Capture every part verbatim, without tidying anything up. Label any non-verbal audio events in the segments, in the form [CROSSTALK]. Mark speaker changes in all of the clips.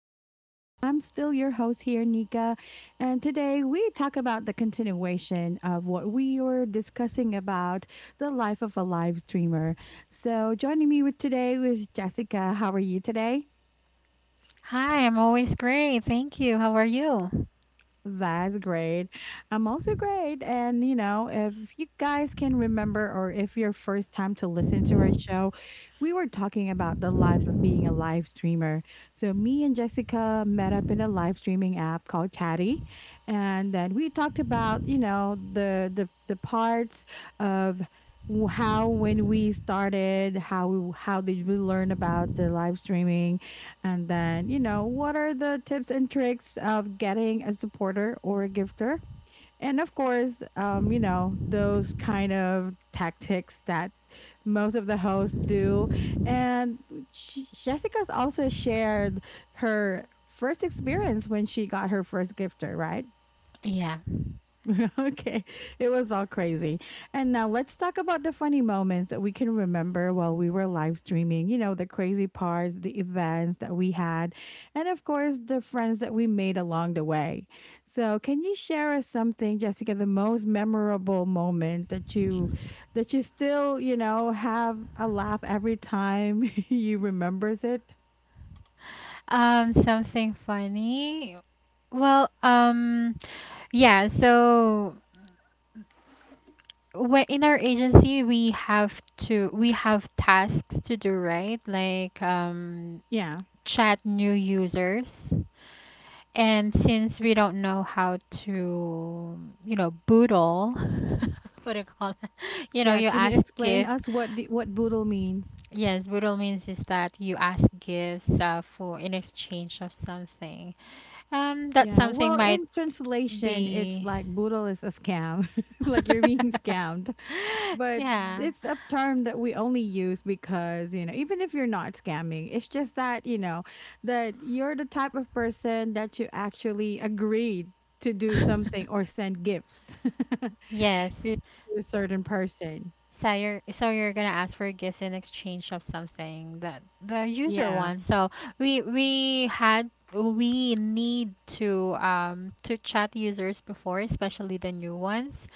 Speaker 1: podcast. I'm still your host here, Nika. And today we talk about the continuation of what we were discussing about the life of a live streamer. So, joining me with today is Jessica. How are you today?
Speaker 2: Hi, I'm always great. Thank you. How are you?
Speaker 1: That's great. I'm also great. And, you know, if you guys can remember, or if your first time to listen to our show, we were talking about the life of being a live streamer. So, me and Jessica met up in a live streaming app called Chatty. And then we talked about, you know, the, the, the parts of w- how when we started how we, how did we learn about the live streaming, and then, you know, what are the tips and tricks of getting a supporter or a gifter? And of course, um, you know, those kind of tactics that most of the hosts do. And she, Jessica's also shared her first experience when she got her first gifter, right?
Speaker 2: Yeah.
Speaker 1: [LAUGHS] Okay. It was all crazy. And now let's talk about the funny moments that we can remember while we were live streaming. You know, the crazy parts, the events that we had, and of course, the friends that we made along the way. So, can you share us something, Jessica, the most memorable moment that you that you still, you know, have a laugh every time [LAUGHS] you remembers it?
Speaker 2: Um, something funny. Well, um, yeah, so when in our agency we have to we have tasks to do, right? Like um
Speaker 1: Yeah.
Speaker 2: chat new users. And since we don't know how to, you know, boodle, [LAUGHS] what do you call it? [LAUGHS] You know,
Speaker 1: Yeah,
Speaker 2: you
Speaker 1: can you
Speaker 2: ask
Speaker 1: explain
Speaker 2: if
Speaker 1: us what the, what boodle means?
Speaker 2: yes, budal means is that you ask gifts uh, for in exchange of something. Um, that
Speaker 1: Yeah,
Speaker 2: something
Speaker 1: well,
Speaker 2: might
Speaker 1: in translation, it's
Speaker 2: be.
Speaker 1: like "boodle is a scam," [LAUGHS] like you're being scammed.
Speaker 2: [LAUGHS]
Speaker 1: But
Speaker 2: Yeah.
Speaker 1: it's a term that we only use because, you know, even if you're not scamming, it's just that, you know, that you're the type of person that you actually agreed to do something or
Speaker 2: [LAUGHS]
Speaker 1: send gifts, [LAUGHS] you
Speaker 2: Yes.
Speaker 1: know, to a certain person.
Speaker 2: So you're so you're gonna ask for gifts in exchange of something that the user
Speaker 1: Yeah.
Speaker 2: wants. So we we had we need to um to chat users before, especially the new ones.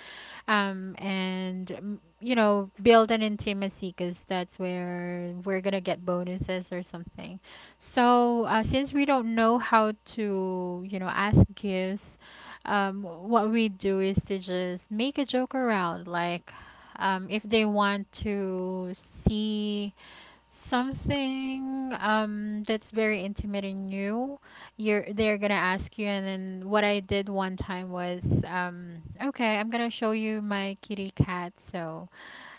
Speaker 2: um, and mm, you know, build an intimacy because that's where we're gonna get bonuses or something, so uh, since we don't know how to, you know, ask gifts, um, what we do is to just make a joke around, like um, if they want to see something um that's very intimate and new. You're they're gonna ask you, and then what I did one time was um okay, I'm gonna show you my kitty cat. So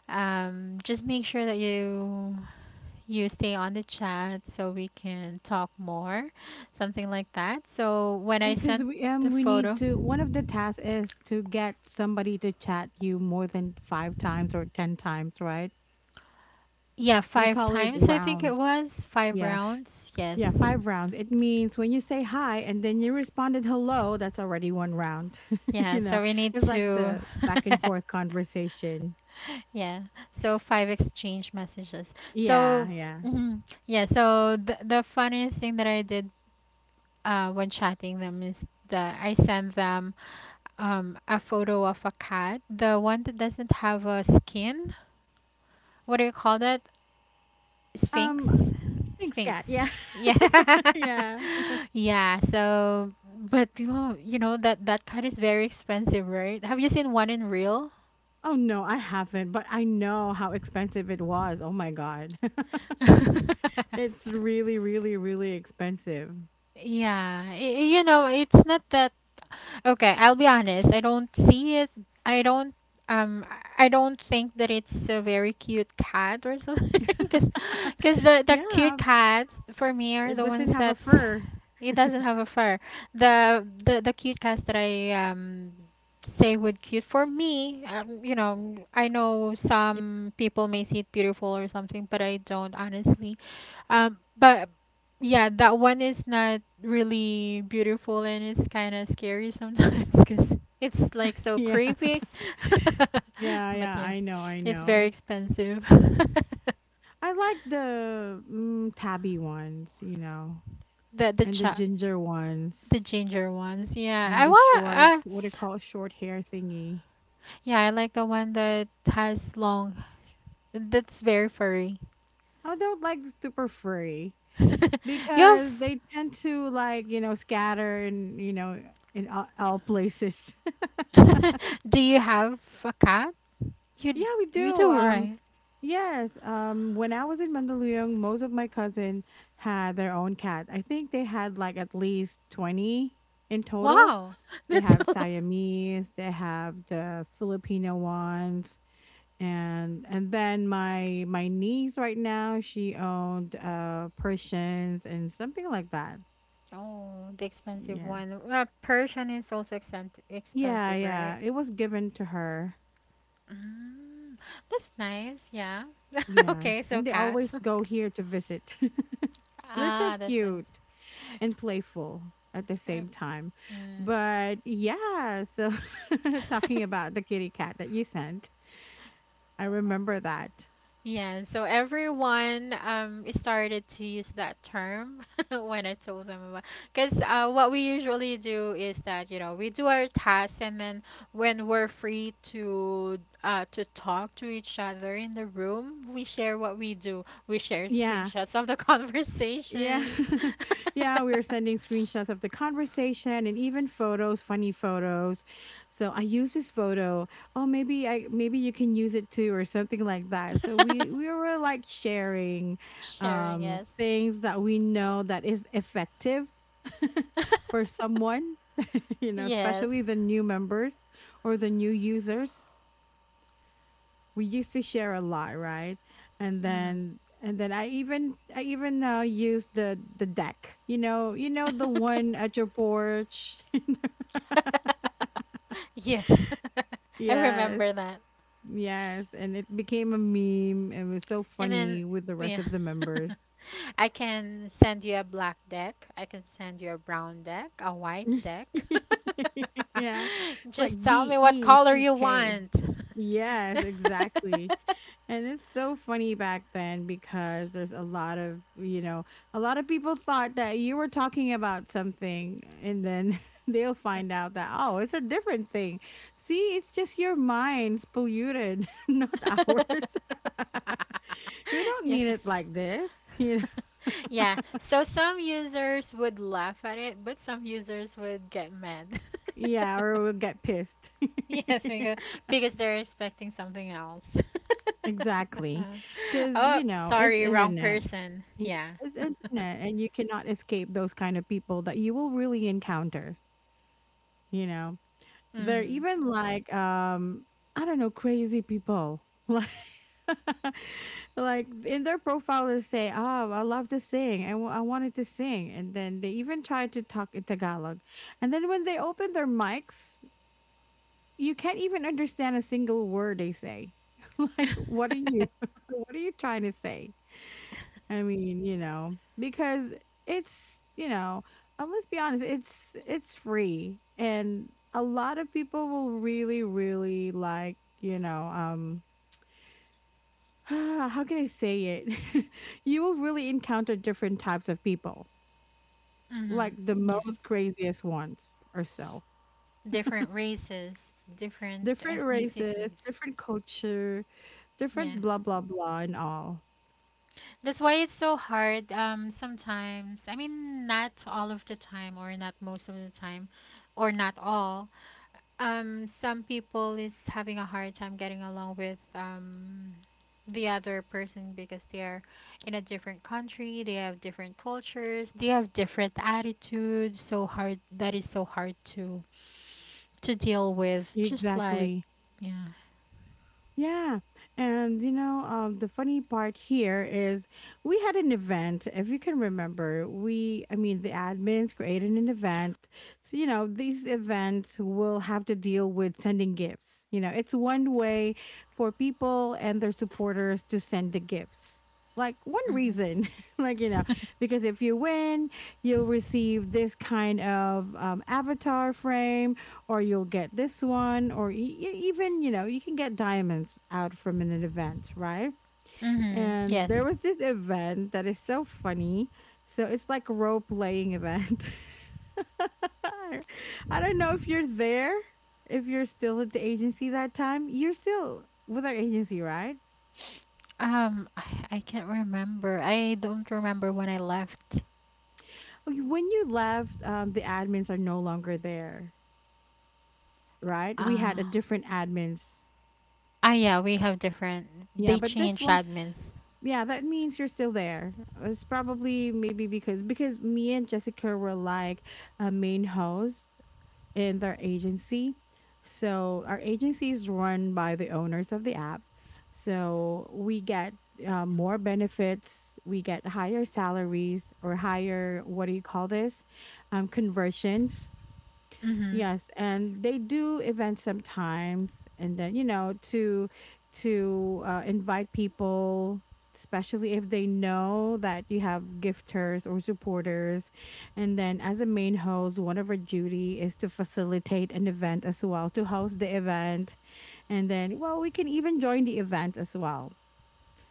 Speaker 2: um just make sure that you you stay on the chat so we can talk more, something like that. So when
Speaker 1: Yeah,
Speaker 2: I
Speaker 1: because
Speaker 2: sent
Speaker 1: we
Speaker 2: the
Speaker 1: um we need
Speaker 2: photo,
Speaker 1: to one of the tasks is to get somebody to chat you more than five times or ten times, right?
Speaker 2: yeah,
Speaker 1: We
Speaker 2: five
Speaker 1: call it
Speaker 2: times. I think it
Speaker 1: rounds.
Speaker 2: was five
Speaker 1: Yeah.
Speaker 2: rounds. Yes,
Speaker 1: Yeah. Five rounds. It means when you say hi and then you responded hello, that's already one round. [LAUGHS] You
Speaker 2: yeah.
Speaker 1: know,
Speaker 2: So we need
Speaker 1: it's like
Speaker 2: to.
Speaker 1: the back and
Speaker 2: [LAUGHS]
Speaker 1: forth conversation.
Speaker 2: Yeah. So five exchange messages.
Speaker 1: Yeah.
Speaker 2: So
Speaker 1: Yeah.
Speaker 2: mhm, yeah. So the the funniest thing that I did uh, when chatting them is that I sent them um a photo of a cat, the one that doesn't have a skin. What do you call that? Sphinx.
Speaker 1: Um, Sphinx
Speaker 2: Sphinx.
Speaker 1: cat. Yeah.
Speaker 2: Yeah. [LAUGHS]
Speaker 1: [LAUGHS] Yeah.
Speaker 2: Yeah. So, but you know, you know that that cat is very expensive, right? Have you seen one in real?
Speaker 1: Oh, no, I haven't, but I know how expensive it was. Oh, my God. [LAUGHS] It's
Speaker 2: [LAUGHS]
Speaker 1: really, really, really expensive.
Speaker 2: Yeah, y- you know, it's not that. Okay, I'll be honest. I don't see it. I don't um I don't think that it's a very cute cat or something [LAUGHS] because
Speaker 1: [LAUGHS]
Speaker 2: because the the cute
Speaker 1: Yeah.
Speaker 2: cats for me are
Speaker 1: It
Speaker 2: the
Speaker 1: doesn't
Speaker 2: ones
Speaker 1: have a
Speaker 2: that's
Speaker 1: fur.
Speaker 2: it doesn't have a fur. The the the cute cats that I um say would cute for me, um, you know, I know
Speaker 1: [LAUGHS]
Speaker 2: some people may see it beautiful or something, but I don't honestly. Um, but yeah, that one is not really beautiful and it's kind of scary sometimes [LAUGHS] because it's like so
Speaker 1: Yeah,
Speaker 2: creepy. [LAUGHS]
Speaker 1: yeah,
Speaker 2: But
Speaker 1: yeah.
Speaker 2: yeah,
Speaker 1: I know, I
Speaker 2: it's very
Speaker 1: know.
Speaker 2: expensive. [LAUGHS]
Speaker 1: I like the mm, tabby ones, you know,
Speaker 2: The the
Speaker 1: and the
Speaker 2: cha
Speaker 1: ginger
Speaker 2: the
Speaker 1: ones,
Speaker 2: ginger ones. Yeah,
Speaker 1: and
Speaker 2: I
Speaker 1: the
Speaker 2: want
Speaker 1: short,
Speaker 2: uh
Speaker 1: what do you call it, short hair thingy.
Speaker 2: yeah, I like the one that has long, that's very furry.
Speaker 1: I don't like super furry
Speaker 2: [LAUGHS] You have
Speaker 1: because they tend to, like, you know, scatter and you know in all, all places.
Speaker 2: [LAUGHS] Do you have a cat?
Speaker 1: [LAUGHS]
Speaker 2: You
Speaker 1: Yeah, we
Speaker 2: you
Speaker 1: do.
Speaker 2: do,
Speaker 1: Um,
Speaker 2: right?
Speaker 1: Yes, um, when I was in Mandaluyong, most of my cousin had their own cat. I think they had like at least twenty in total.
Speaker 2: Wow. [LAUGHS]
Speaker 1: They
Speaker 2: That's a
Speaker 1: have
Speaker 2: lot.
Speaker 1: Siamese, they have the Filipino ones, and and then my my niece right now, she owned uh Persians and something like that.
Speaker 2: Oh, the expensive
Speaker 1: Yeah.
Speaker 2: one. Well, Persian is also extent
Speaker 1: Yeah,
Speaker 2: expensive, right?
Speaker 1: yeah. It was given to her.
Speaker 2: Mm, that's nice. Yeah. [LAUGHS]
Speaker 1: Yes.
Speaker 2: Okay, so
Speaker 1: And they
Speaker 2: cats.
Speaker 1: always go here to visit. [LAUGHS] They're so
Speaker 2: Ah, that's nice.
Speaker 1: cute. And playful at the
Speaker 2: Uh,
Speaker 1: same time.
Speaker 2: Mm.
Speaker 1: But yeah, so [LAUGHS] talking
Speaker 2: [LAUGHS]
Speaker 1: about the kitty cat that you sent, I remember that.
Speaker 2: Yeah, so everyone um started to use that term [LAUGHS] when I told them about, because uh, what we usually do is that, you know, we do our tasks and then when we're free to uh, to talk to each other in the room, we share what we do. We share
Speaker 1: Yeah.
Speaker 2: screenshots of the [LAUGHS]
Speaker 1: Yeah.
Speaker 2: conversations.
Speaker 1: [LAUGHS] Yeah, we were sending screenshots of the conversation and even photos, funny photos. So I use this photo. Oh, maybe I maybe you can use it too or something like that. So we we
Speaker 2: [LAUGHS]
Speaker 1: were like sharing
Speaker 2: Sharing,
Speaker 1: um
Speaker 2: yes.
Speaker 1: things that we know that is effective, [LAUGHS] for
Speaker 2: [LAUGHS]
Speaker 1: someone, [LAUGHS] you know,
Speaker 2: Yes.
Speaker 1: especially the new members or the new users we used to share a lot, right? And
Speaker 2: Hmm.
Speaker 1: then and then I even I even uh, used the the deck. You know, you know the one
Speaker 2: [LAUGHS]
Speaker 1: at your porch.
Speaker 2: [LAUGHS] Yes. [LAUGHS]
Speaker 1: [LAUGHS]
Speaker 2: I
Speaker 1: Yes.
Speaker 2: remember that.
Speaker 1: Yes, and it became a meme and was so
Speaker 2: And then,
Speaker 1: funny with the rest
Speaker 2: yeah.
Speaker 1: of the members.
Speaker 2: [LAUGHS] I can send you a black deck. I can send you a brown deck, a white
Speaker 1: [LAUGHS]
Speaker 2: deck.
Speaker 1: Yeah.
Speaker 2: [LAUGHS]
Speaker 1: It's like
Speaker 2: Just tell me
Speaker 1: D
Speaker 2: what
Speaker 1: E
Speaker 2: color
Speaker 1: C
Speaker 2: you
Speaker 1: K.
Speaker 2: want.
Speaker 1: Yes, exactly.
Speaker 2: [LAUGHS]
Speaker 1: And it's so funny back then because there's a lot of, you know, a lot of people thought that you were talking about something and then [LAUGHS] they'll find out that, oh, it's a different thing. See, it's just your mind's polluted, [LAUGHS] not ours. [LAUGHS] We don't
Speaker 2: Yes,
Speaker 1: mean
Speaker 2: sir.
Speaker 1: it like this, [LAUGHS] you know.
Speaker 2: Yeah, so some users would laugh at it, but some users would get mad.
Speaker 1: Yeah,
Speaker 2: [LAUGHS]
Speaker 1: or we'll get pissed.
Speaker 2: [LAUGHS] Yes,
Speaker 1: [LAUGHS]
Speaker 2: because because they're expecting something else. [LAUGHS]
Speaker 1: Exactly. Cuz,
Speaker 2: Oh,
Speaker 1: you know, it's
Speaker 2: sorry, wrong
Speaker 1: internet.
Speaker 2: person.
Speaker 1: Yeah,
Speaker 2: Yeah.
Speaker 1: it's internet and you cannot escape those kind of people that you will really encounter. You know, they're
Speaker 2: Mm.
Speaker 1: even like um I don't know, crazy people. [LAUGHS] Like [LAUGHS] like in their profile they say, oh, I love to sing and I wanted to sing, and then they even try to talk in Tagalog, and then when they open their mics you can't even understand a single word they say. [LAUGHS] Like, what are
Speaker 2: [LAUGHS]
Speaker 1: you [LAUGHS] what are you trying to say? I mean, you know, because it's, you know, uh, let's be honest, it's it's free, and a lot of people will really really, like, you know, um [SIGHS] how can I say it? [LAUGHS] You will really encounter different types of people, like
Speaker 2: Hmm.
Speaker 1: the most
Speaker 2: Yes.
Speaker 1: craziest ones or so.
Speaker 2: Different races, different
Speaker 1: Different races,
Speaker 2: ethnicities.
Speaker 1: different culture,
Speaker 2: Yeah.
Speaker 1: different blah blah blah and all.
Speaker 2: That's why it's so hard. Um, sometimes, I mean, not all of the time, or not most of the time, or not all. Um, some people is having a hard time getting along with um the other person because they are in a different country, they have different cultures, they have different attitudes. So hard that is so hard to to deal with. Just like
Speaker 1: Exactly.
Speaker 2: yeah.
Speaker 1: Yeah. And you know, um, the funny part here is we had an event, if you can remember, we, I mean, the admins created an event. So, you know, these events will have to deal with sending gifts. You know, it's one way for people and their supporters to send the gifts. Like one
Speaker 2: Mhm.
Speaker 1: reason,
Speaker 2: [LAUGHS]
Speaker 1: [LAUGHS] like, you know, because if you win, you'll receive this kind of um, avatar frame, or you'll get this one, or e- e- even, you know, you can get diamonds out from an event, right?
Speaker 2: Mhm.
Speaker 1: And
Speaker 2: Yes.
Speaker 1: there was this event that is so funny. So it's like a role playing event. [LAUGHS] I don't know if you're there, if you're still at the agency, that time you're still with our agency, right?
Speaker 2: Um, I, I can't remember. I don't remember when I left.
Speaker 1: Okay, when you left, um, the admins are no longer there, right? We had
Speaker 2: Uh,
Speaker 1: a different admins.
Speaker 2: ah, yeah, we have different.
Speaker 1: Yeah,
Speaker 2: They
Speaker 1: but this
Speaker 2: changed
Speaker 1: one,
Speaker 2: admins.
Speaker 1: yeah, that means you're still there. It's probably maybe because because me and Jessica were like a main host in their agency. So our agency is run by the owners of the app. So we get uh, more benefits, we get higher salaries, or higher, what do you call this? Um, conversions.
Speaker 2: Mhm.
Speaker 1: Yes, and they do events sometimes, and then, you know, to to uh, invite people, especially if they know that you have gifters or supporters, and then as a main host, one of our duty is to facilitate an event as well, to host the event, and then well we can even join the event as well.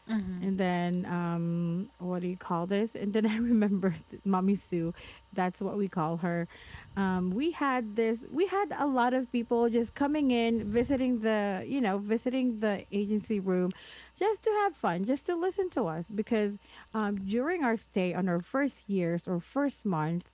Speaker 2: Mhm.
Speaker 1: And then, um, what do you call this? And then I remember [LAUGHS] Mommy Sue, that's what we call her. Um, we had this, we had a lot of people just coming in, visiting the, you know, visiting the agency room just to have fun, just to listen to us. Because um, during our stay on our first years or first month,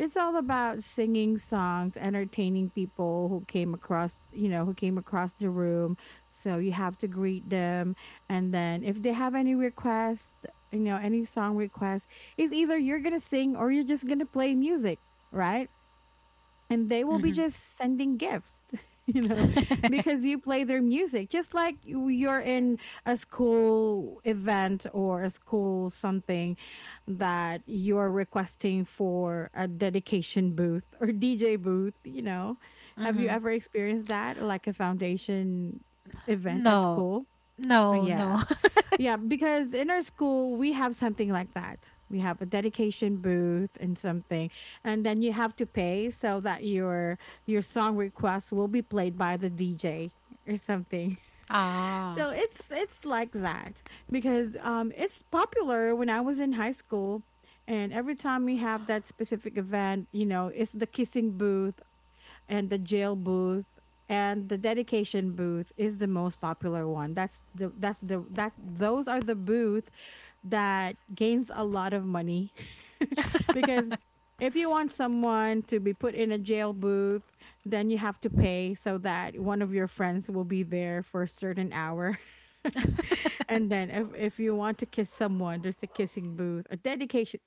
Speaker 1: it's all about singing songs, entertaining people who came across, you know, who came across the room. So you have to greet them, and then if they have any request, you know, any song request, it's either you're gonna sing or you're just gonna play music, right? And they will be
Speaker 2: Mhm.
Speaker 1: just sending gifts, [LAUGHS] you know, because
Speaker 2: [LAUGHS]
Speaker 1: you play their music, just like you- you're in a school event or a school something that you're requesting for a dedication booth or D J booth, you know. Have you
Speaker 2: Mhm.
Speaker 1: ever experienced that, like a foundation event at
Speaker 2: No,
Speaker 1: school? Uh,
Speaker 2: no,
Speaker 1: Yeah,
Speaker 2: no. [LAUGHS]
Speaker 1: yeah, because in our school we have something like that. We have a dedication booth and something, and then you have to pay so that your your song request will be played by the D J or something. [LAUGHS]
Speaker 2: Ah.
Speaker 1: So it's it's like that because um it's popular when I was in high school, and every time we have that specific event, you know, it's the kissing booth and the jail booth, and the dedication booth is the most popular one. That's the that's the that's Those are the booth that gains a lot of money, [LAUGHS] because
Speaker 2: [LAUGHS]
Speaker 1: if you want someone to be put in a jail booth, then you have to pay so that one of your friends will be there for a certain hour. [LAUGHS] And then, if, if you want to kiss someone, there's a kissing booth, a dedication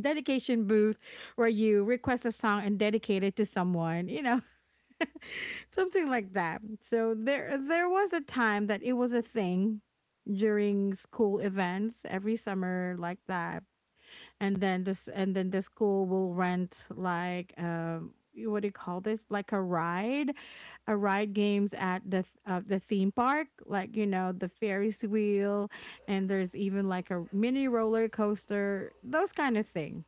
Speaker 1: dedication booth, where you request a song and dedicate it to someone, you know. [LAUGHS] Something like that. So there there was a time that it was a thing during school events every summer like that. And then this, and then the school will rent like um y- what do you call this? Like a ride, a ride games at the th- uh, the theme park, like you know, the Ferris wheel, and there's even like a mini roller coaster, those kind of thing.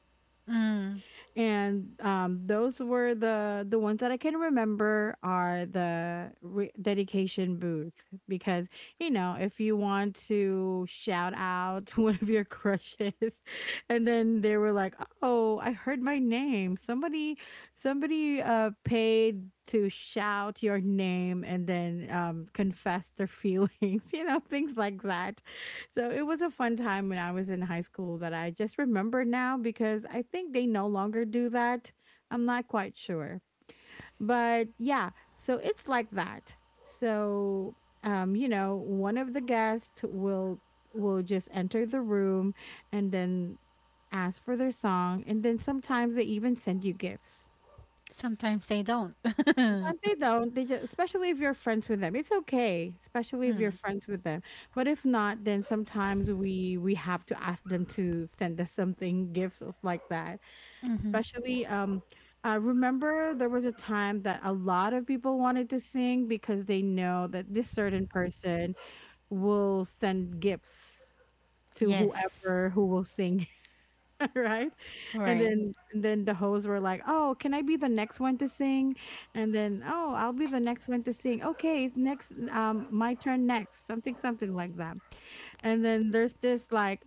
Speaker 2: Mm.
Speaker 1: And, um, those were the the ones that I can remember are the re dedication booth because, you know, if you want to shout out [LAUGHS] one of your crushes. And then they were like, "Oh, I heard my name. Somebody somebody uh paid to shout your name and then um confess their feelings," [LAUGHS] you know, things like that. So it was a fun time when I was in high school that I just remember now because I think they no longer do that. I'm not quite sure. But yeah, so it's like that. So um you know, one of the guests will will just enter the room and then ask for their song, and then sometimes they even send you gifts.
Speaker 2: Sometimes they don't. [LAUGHS]
Speaker 1: Sometimes they don't. They just, especially if you're friends with them, it's okay. Especially if you're
Speaker 2: Mm.
Speaker 1: friends with them. But if not, then sometimes we we have to ask them to send us something, gifts or like that.
Speaker 2: Mhm.
Speaker 1: Especially, um, I remember there was a time that a lot of people wanted to sing because they know that this certain person will send gifts to
Speaker 2: Yes.
Speaker 1: whoever who will sing, [LAUGHS] right? And
Speaker 2: Right.
Speaker 1: then and then the hosts were like, "Oh, can I be the next one to sing?" And then, "Oh, I'll be the next one to sing. Okay, it's next um my turn next." Something something like that. And then there's this like,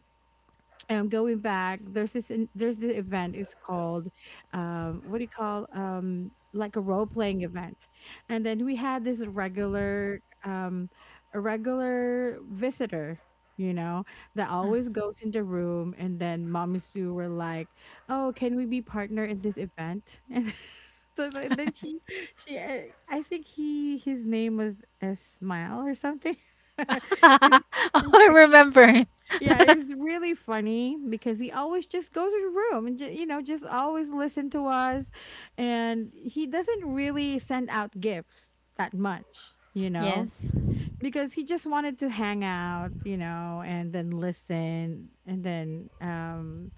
Speaker 1: um, going back, there's this in- there's this event. It's called, um, what do you call, um, like a role playing event, and then we had this regular, um, a regular visitor. You know, that
Speaker 2: Mm.
Speaker 1: always goes in the room, and then Mommy Sue were like, "Oh, can we be partner in this event?" [LAUGHS] And so th- then she, she, uh, I think he, his name was a smile or something. [LAUGHS] Is,
Speaker 2: [LAUGHS] Oh, I remember. [LAUGHS]
Speaker 1: yeah, it's really funny because he always just goes to the room and ju- you know, just always listen to us, and he doesn't really send out gifts that much, you know,
Speaker 2: Yes.
Speaker 1: because he just wanted to hang out, you know, and then listen, and then, um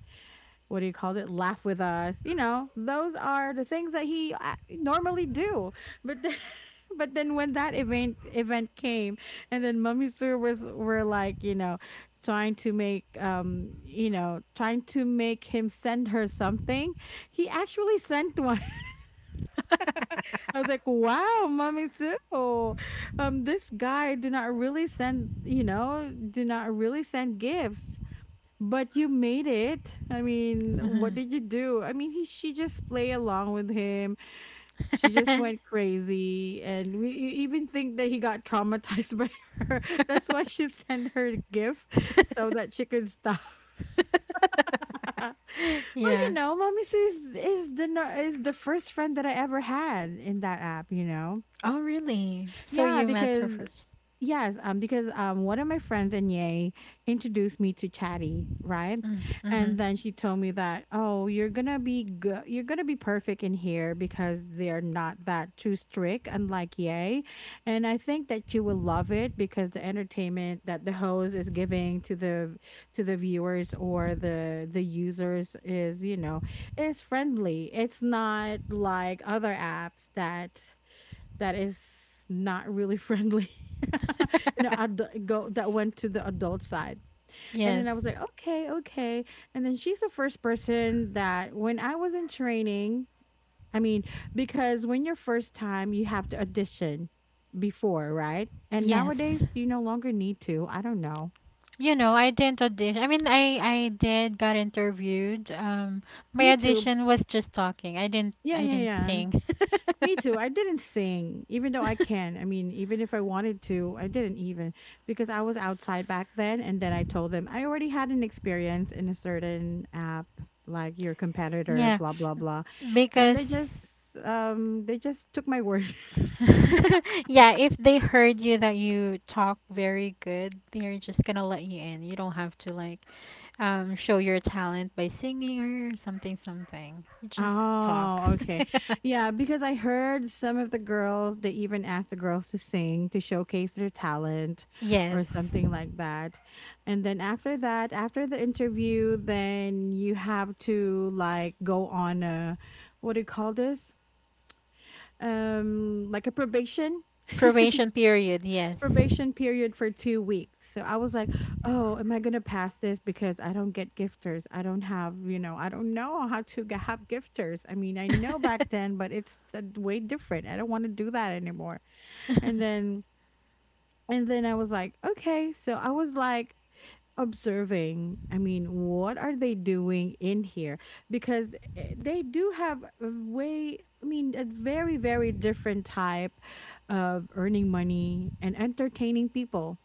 Speaker 1: what do you call it? Laugh with us. You know, those are the things that he uh, normally do. But then, [LAUGHS] but then when that event event came, and then Mummy Sue was were like, you know, trying to make, um, you know, trying to make him send her something. He actually sent one. [LAUGHS] I was like, wow, Mummy Sue, um, this guy do not really send, you know, do not really send gifts. But you made it. I mean, what
Speaker 2: Mhm.
Speaker 1: did you do? I mean, he she just play along with him. She just went
Speaker 2: [LAUGHS]
Speaker 1: crazy, and we e- even think that he got traumatized by [LAUGHS] her. That's why she sent her a gift so that she could stop. [LAUGHS] But you
Speaker 2: Yeah.
Speaker 1: know, Mommy Sue is, is the no- is the first friend that I ever had in that app. You know,
Speaker 2: Oh, really? So
Speaker 1: yeah,
Speaker 2: you met her
Speaker 1: because
Speaker 2: first.
Speaker 1: yes, um, because um, one of my friends in Yay introduced me to Chatty, right?
Speaker 2: Mm,
Speaker 1: And
Speaker 2: mhm.
Speaker 1: then she told me that, oh, you're gonna be good, you're gonna be perfect in here because they're not that too strict, unlike Yay. And I think that you will love it because the entertainment that the host is giving to the to the viewers or the the users is, you know, is friendly. It's not like other apps that that is not really friendly. [LAUGHS] You know,
Speaker 2: [LAUGHS]
Speaker 1: ad- go that went to the adult side, and then
Speaker 2: Yes.
Speaker 1: I was like, okay, okay. And then she's the first person that when I was in training, I mean, because when you're first time, you have to audition before, right? And
Speaker 2: Yes.
Speaker 1: nowadays, you no longer need to. I don't know.
Speaker 2: You know, I didn't audition. I mean, I I did got interviewed. Um, my
Speaker 1: Me too.
Speaker 2: audition was just talking. I didn't
Speaker 1: Yeah,
Speaker 2: I
Speaker 1: yeah,
Speaker 2: didn't
Speaker 1: yeah.
Speaker 2: sing.
Speaker 1: Me too. I didn't sing, even though I can.
Speaker 2: [LAUGHS]
Speaker 1: I mean, even if I wanted to, I didn't even, because I was outside back then. And then I told them I already had an experience in a certain app, like your competitor,
Speaker 2: Yeah,
Speaker 1: blah blah blah, and
Speaker 2: because
Speaker 1: they just um they just took my [LAUGHS] word.
Speaker 2: [LAUGHS] yeah, if they heard you that you talk very good, they're just gonna let you in. You don't have to like um show your talent by singing or something something. You just talk.
Speaker 1: Oh, okay. Yeah, because I heard some of the girls, they even asked the girls to sing to showcase their talent
Speaker 2: [LAUGHS]
Speaker 1: or
Speaker 2: Yes.
Speaker 1: something like that. And then after that, after the interview, then you have to like go on a, what do you call this? Um, like a probation. [LAUGHS]
Speaker 2: Probation period, yes.
Speaker 1: Probation period for two weeks. So I was like, oh, am I going to pass this because I don't get gifters? I don't have, you know, I don't know how to g- have gifters. I mean, I know back
Speaker 2: [LAUGHS]
Speaker 1: then, but it's uh, way different. I don't want to do that anymore. And then, and then I was like, okay. So I was like, observing, I mean, what are they doing in here, because eh, they do have a way, I mean, a very very different type of earning money and entertaining people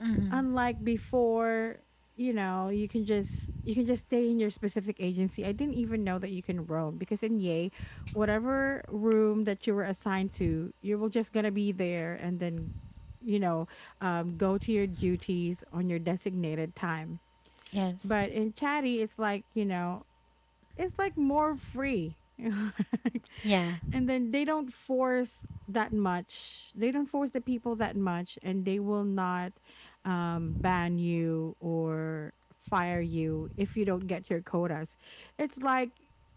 Speaker 2: Hmm.
Speaker 1: unlike before. You know, you can just you can just stay in your specific agency. I didn't even know that you can roam, because in Yay, whatever room that you were assigned to, you were just gonna be there, and then, you know, um, go to your duties on your designated time.
Speaker 2: Yes.
Speaker 1: But in Chatty, it's like, you know, it's like more free. [LAUGHS]
Speaker 2: Yeah.
Speaker 1: And then they don't force that much. They don't force the people that much, and they will not um ban you or fire you if you don't get your quotas. It's like,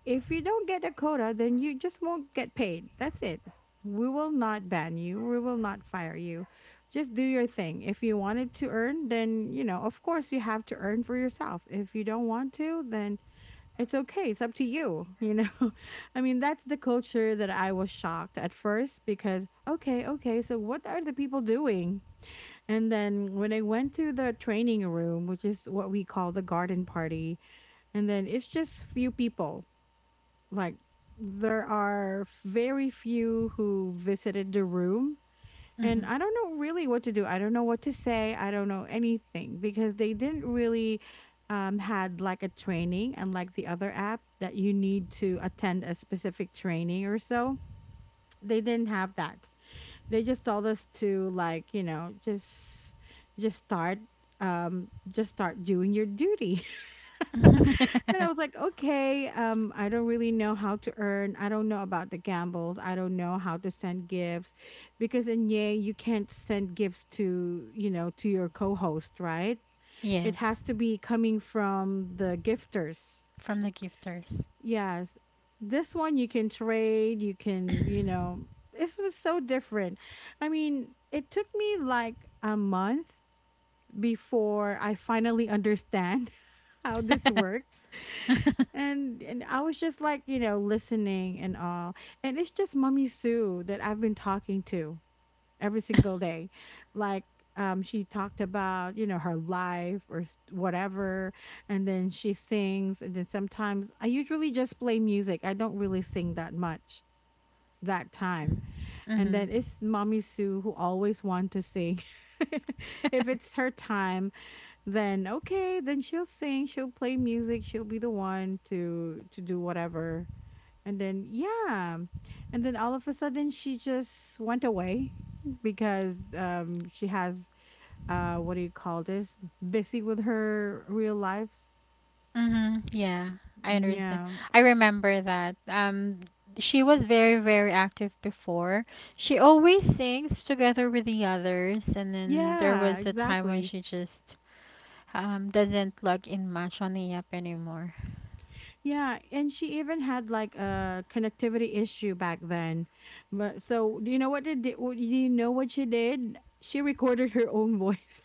Speaker 1: if you don't get a quota, then you just won't get paid. That's it. We will not ban you. We will not fire you. Just do your thing. If you wanted to earn, then, you know, of course you have to earn for yourself. If you don't want to, then it's okay. It's up to you, you know. [LAUGHS] I mean, that's the culture that I was shocked at first because okay, okay, so what are the people doing? And then when I went to the training room, which is what we call the garden party, and then it's just few people. Like, there are very few who visited the room, and
Speaker 2: Hmm.
Speaker 1: I don't know really what to do. I don't know what to say. I don't know anything because they didn't really, um, had like a training, unlike the other app that you need to attend a specific training or so. They didn't have that. They just told us to like, you know, just just start, um just start doing your duty. [LAUGHS] And I was
Speaker 2: [LAUGHS]
Speaker 1: like, okay, um, I don't really know how to earn. I don't know about the gambles. I don't know how to send gifts because in Yay, you can't send gifts to, you know, to your co host, right? It
Speaker 2: Yes.
Speaker 1: has to be coming from the gifters.
Speaker 2: From the gifters. [COUGHS]
Speaker 1: Yes. This one you can trade, you can, you know, this was so different. I mean, it took me like a month before I finally understand [LAUGHS] how this works.
Speaker 2: [LAUGHS]
Speaker 1: And and I was just like, you know, listening and all. And it's just Mummy Sue that I've been talking to every single day. Like, um she talked about, you know, her life or s- whatever, and then she sings, and then sometimes I usually just play music. I don't really sing that much that time. And
Speaker 2: Hmm.
Speaker 1: then it's Mommy Sue who always want to sing. [LAUGHS] If it's her time, then okay, then she'll sing, she'll play music, she'll be the one to to do whatever. And then, yeah, and then all of a sudden she just went away because um she has, uh what do you call this, busy with her real lives.
Speaker 2: Hmm. Yeah, I understand.
Speaker 1: Yeah,
Speaker 2: I remember that. Um, she was very, very active before. She always sings together with the others, and then there
Speaker 1: yeah,
Speaker 2: was a time when
Speaker 1: exactly.
Speaker 2: she just um doesn't log in much on the app anymore.
Speaker 1: Yeah, and she even had like a connectivity issue back then. But so do you know what did do you know what she did? She recorded her own voice.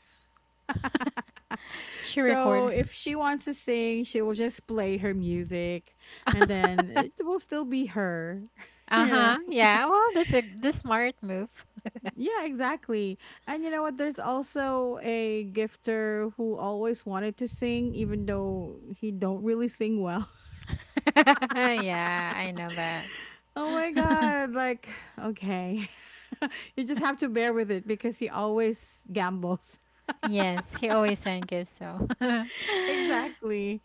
Speaker 1: [LAUGHS]
Speaker 2: [LAUGHS] She
Speaker 1: So
Speaker 2: recorded.
Speaker 1: if she wants to sing, she will just play her music, and then
Speaker 2: [LAUGHS]
Speaker 1: it will still be her. [LAUGHS] You know,
Speaker 2: Uh-huh. Yeah. Well, this a the smart move. [LAUGHS]
Speaker 1: yeah, exactly. And you know what? There's also a gifter who always wanted to sing, even though he don't really sing well. [LAUGHS]
Speaker 2: Yeah, I know
Speaker 1: Oh my
Speaker 2: that. [LAUGHS]
Speaker 1: god! Like, okay, [LAUGHS] you just have to bear with it because he always gambles.
Speaker 2: Yes, he always send gifts, so. [LAUGHS]
Speaker 1: [LAUGHS] Exactly.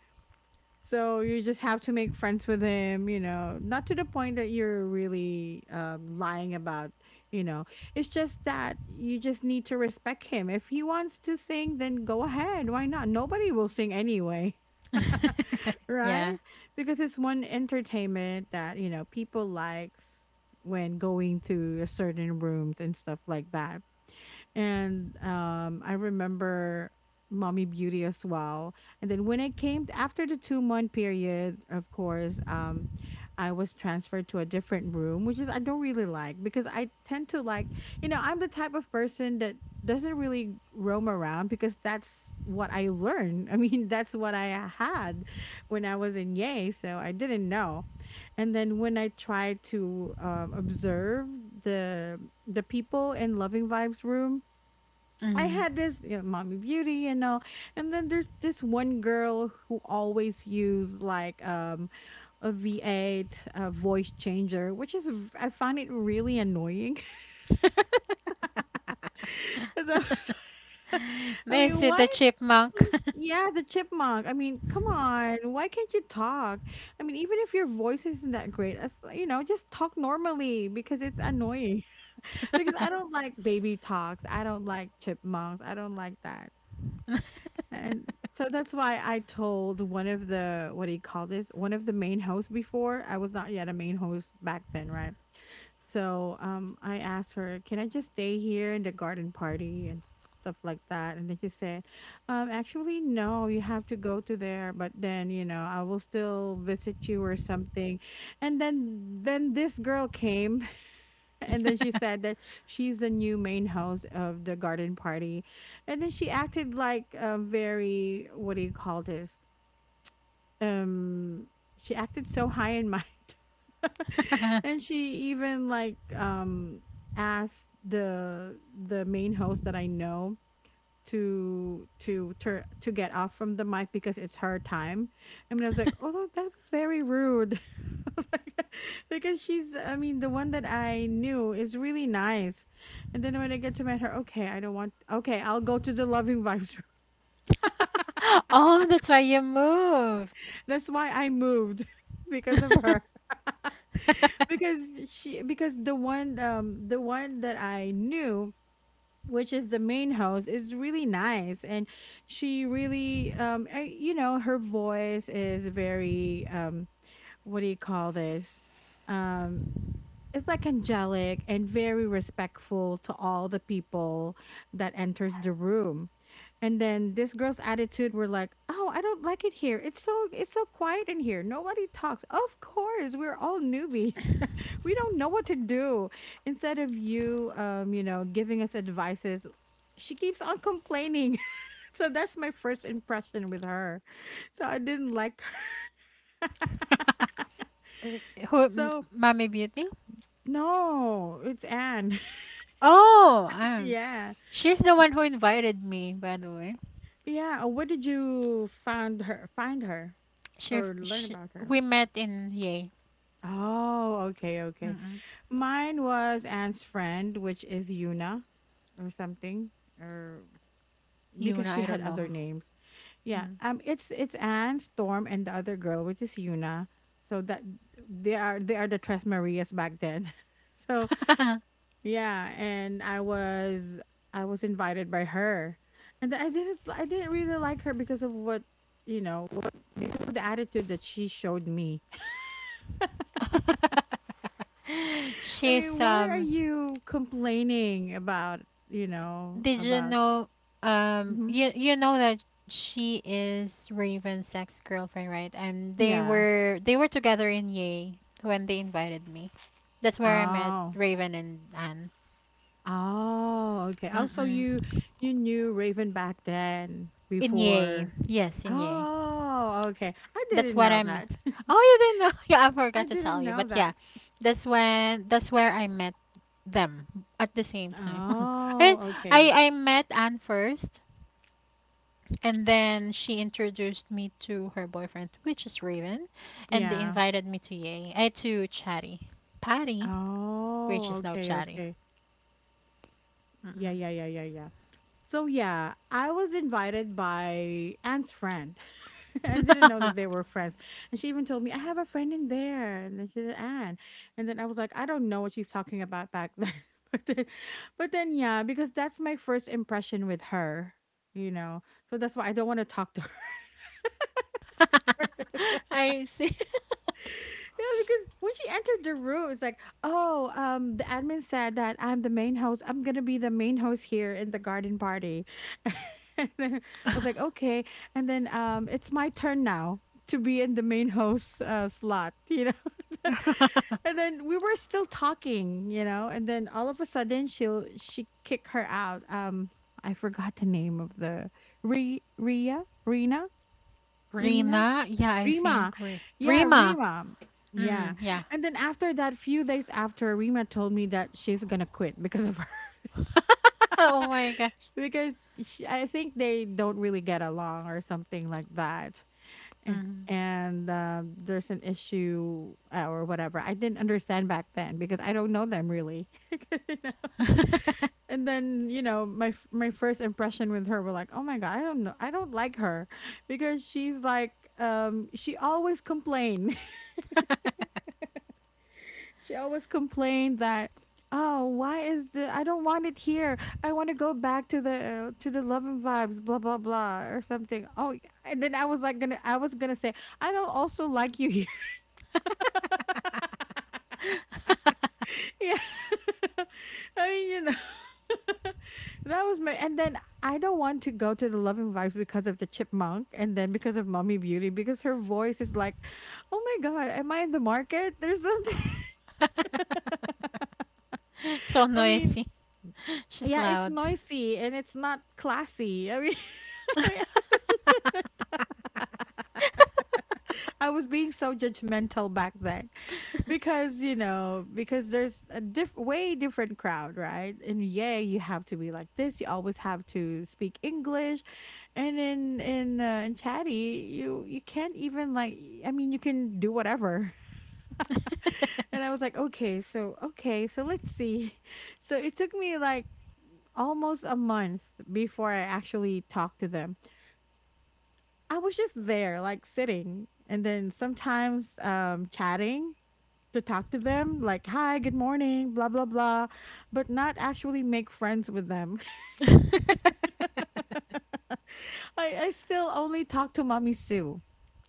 Speaker 1: So you just have to make friends with him, you know, not to the point that you're really, um, lying about, you know. It's just that you just need to respect him. If he wants to sing, then go ahead. Why not? Nobody will sing anyway, [LAUGHS] right?
Speaker 2: Yeah.
Speaker 1: Because it's one entertainment that, you know, people likes when going to certain rooms and stuff like that. And um I remember Mommy Beauty as well. And then when it came t- after the two month period, of course, um I was transferred to a different room, which is I don't really like because I tend to like, you know, I'm the type of person that doesn't really roam around because that's what I learned. I mean, [LAUGHS] that's what I had when I was in Yay, so I didn't know. And then when I tried to um, observe the the people in Loving Vibes room, I
Speaker 2: Mm.
Speaker 1: had this, you know, mommy beauty and all. And then there's this one girl who always use like um a V eight uh, voice changer, which is v- I find it really annoying. [LAUGHS]
Speaker 2: [LAUGHS]
Speaker 1: So, [LAUGHS] I
Speaker 2: Is
Speaker 1: mean,
Speaker 2: it
Speaker 1: why?
Speaker 2: the
Speaker 1: is
Speaker 2: chipmunk?
Speaker 1: she- Yeah, the chipmunk. I mean, come on, why can't you talk? I mean, even if your voice isn't that great, as you know, just talk normally because it's annoying. [LAUGHS] Because I don't
Speaker 2: [LAUGHS]
Speaker 1: like baby talks. I don't like chipmunks. I don't like that. And so that's why I told one of the what do you call this? One of the main hosts before. I was not yet a main host back then, right? So um I asked her, can I just stay here in the garden party and s- stuff like that? And then she said, um, actually no, you have to go to there, but then you know, I will still visit you or something. And then then this girl came and then she said that she's the new main host of the garden party. And then she acted like a very, what do you call this? Um, she acted so high in might. [LAUGHS] And she even like um asked the the main host that I know to to tur to get off from the mic because it's her time. I mean, I was like, oh, that was very rude. [LAUGHS] Because she's I mean the one that I knew is really nice, and then when I get to meet her, okay, I don't want, okay, I'll go to the Loving Vibes room.
Speaker 2: Oh, that's why you moved.
Speaker 1: [LAUGHS] That's why I moved, [LAUGHS] because of her. [LAUGHS] Because she because the one um the one that I knew, which is the main host, is really nice, and she really um I- you know, her voice is very um what do you call this, um it's like angelic and very respectful to all the people that enters the room. And then this girl's attitude were like, oh, I don't like it here, it's so, it's so quiet in here, nobody talks. Of course we're all newbies. [LAUGHS] We don't know what to do. Instead of you um you know, giving us advices, she keeps on complaining. [LAUGHS] So that's my first impression with her, so I didn't like her.
Speaker 2: [LAUGHS] Uh, who, m-
Speaker 1: So
Speaker 2: Mommy Beauty?
Speaker 1: no, it's Anne.
Speaker 2: Oh,
Speaker 1: [LAUGHS]
Speaker 2: um,
Speaker 1: Yeah.
Speaker 2: she's the one who invited me, by the way.
Speaker 1: Yeah, uh, where did you find her find her
Speaker 2: She, f-
Speaker 1: or learn
Speaker 2: she
Speaker 1: about her?
Speaker 2: we met in Yay.
Speaker 1: Oh, okay, okay.
Speaker 2: Mm-mm.
Speaker 1: Mine was Anne's friend, which is Yuna or something, or because
Speaker 2: Yuna,
Speaker 1: she
Speaker 2: I
Speaker 1: had
Speaker 2: don't
Speaker 1: other
Speaker 2: know
Speaker 1: names. Yeah. Um it's it's Anne, Storm, and the other girl, which is Yuna. So that they are, they are the Tres Marias back then. [LAUGHS] So
Speaker 2: her. Mm.
Speaker 1: yeah, and I was I was invited by her. And I didn't I didn't really like her because of what, you know, what, because of the attitude that she showed me.
Speaker 2: [LAUGHS]
Speaker 1: I
Speaker 2: She's
Speaker 1: mean, why are
Speaker 2: um
Speaker 1: you complaining about, you know,
Speaker 2: did you
Speaker 1: about?
Speaker 2: know um
Speaker 1: Mhm.
Speaker 2: you you know that she is Raven's ex-girlfriend, right? And they
Speaker 1: Yeah.
Speaker 2: were they were together in Yay when they invited me. That's where I met
Speaker 1: Oh.
Speaker 2: Raven and Anne.
Speaker 1: Oh, okay. Oh, so
Speaker 2: Mm-mm.
Speaker 1: you you knew Raven back then
Speaker 2: Inye.
Speaker 1: before?
Speaker 2: Yes, Inye.
Speaker 1: Oh, okay. I
Speaker 2: That's
Speaker 1: didn't
Speaker 2: what
Speaker 1: know
Speaker 2: I met.
Speaker 1: that. [LAUGHS]
Speaker 2: Oh, you didn't know. [LAUGHS] Yeah, I forgot
Speaker 1: I
Speaker 2: to
Speaker 1: didn't
Speaker 2: tell you.
Speaker 1: know
Speaker 2: But yeah,
Speaker 1: that.
Speaker 2: that's when that's where I met them at the same time. [LAUGHS] I
Speaker 1: Oh, okay.
Speaker 2: I I met Anne first, and then she introduced me to her boyfriend, which is Raven, and they
Speaker 1: Yeah.
Speaker 2: invited me to Yay. I to Chatty. Patty, which
Speaker 1: Oh,
Speaker 2: is now
Speaker 1: okay,
Speaker 2: Chatty.
Speaker 1: okay. Yeah,
Speaker 2: Mm-mm.
Speaker 1: yeah, yeah, yeah, yeah. So yeah, I was invited by Anne's friend. [LAUGHS] I didn't know that they were friends. And she even told me, I have a friend in there. And then she said, Anne. And then I was like, I don't know what she's talking about back then. [LAUGHS] But then, but then yeah, because that's my first impression with her, you know. So that's why I don't want to talk to her.
Speaker 2: [LAUGHS]
Speaker 1: [LAUGHS]
Speaker 2: I see.
Speaker 1: Yeah, because when she entered the room, it's like, oh, um, the admin said that I'm the main host. I'm gonna be the main host here in the garden party. [LAUGHS] And then I was like, okay. And then um, it's my turn now to be in the main host uh, slot, you know. [LAUGHS]
Speaker 2: [LAUGHS]
Speaker 1: And then we were still talking, you know. And then all of a sudden, she'll she kick her out. Um, I forgot the name of the Re Ria Rena. Rena.
Speaker 2: Rina? Yeah, I
Speaker 1: Rima.
Speaker 2: think Re-
Speaker 1: Yeah,
Speaker 2: Rima.
Speaker 1: Rima. Yeah.
Speaker 2: Mm, yeah.
Speaker 1: And then after that, few days after, Rima told me that she's gonna quit because of her. [LAUGHS]
Speaker 2: [LAUGHS] Oh my gosh.
Speaker 1: Because she, I think they don't really get along or something like that. A-
Speaker 2: Mm.
Speaker 1: And um, there's an issue uh, or whatever. I didn't understand back then because I don't know them really. [LAUGHS] You know?
Speaker 2: [LAUGHS]
Speaker 1: And then you know my f- my first impression with her were like, oh my god, I don't know, I don't like her, because she's like um she always complain. [LAUGHS] She always complained that, "Oh, why is the, I don't want it here. I want to go back to the uh, to the love and vibes, blah blah blah, or something." Oh, yeah. And then I was like gonna I was gonna say, "I don't also like you here." [LAUGHS] Yeah, [LAUGHS] I mean, you know, [LAUGHS] that was my. And then I don't want to go to the love and vibes because of the chipmunk, and then because of mommy beauty, because her voice is like, "Oh my god, am I in the market?" There's something. [LAUGHS]
Speaker 2: So
Speaker 1: I mean.
Speaker 2: noisy. She's
Speaker 1: Yeah, it's
Speaker 2: loud.
Speaker 1: noisy and it's not classy. I mean,
Speaker 2: [LAUGHS]
Speaker 1: [LAUGHS] I was being so judgmental back then because you know because there's a diff- way different crowd, right? And yeah, you have to be like this, you always have to speak English. And in in uh, in Chatty, you you can't even like, I mean, you can do whatever. [LAUGHS] And I was like, okay so okay, so let's see. [LAUGHS] So it took me like almost a month before I actually talked to them. I was just there, like sitting, and then sometimes um, chatting to talk to them, like, hi, good morning, blah, blah, blah, but not actually make friends with them. [LAUGHS] I, I still only talk to Mommy Sue.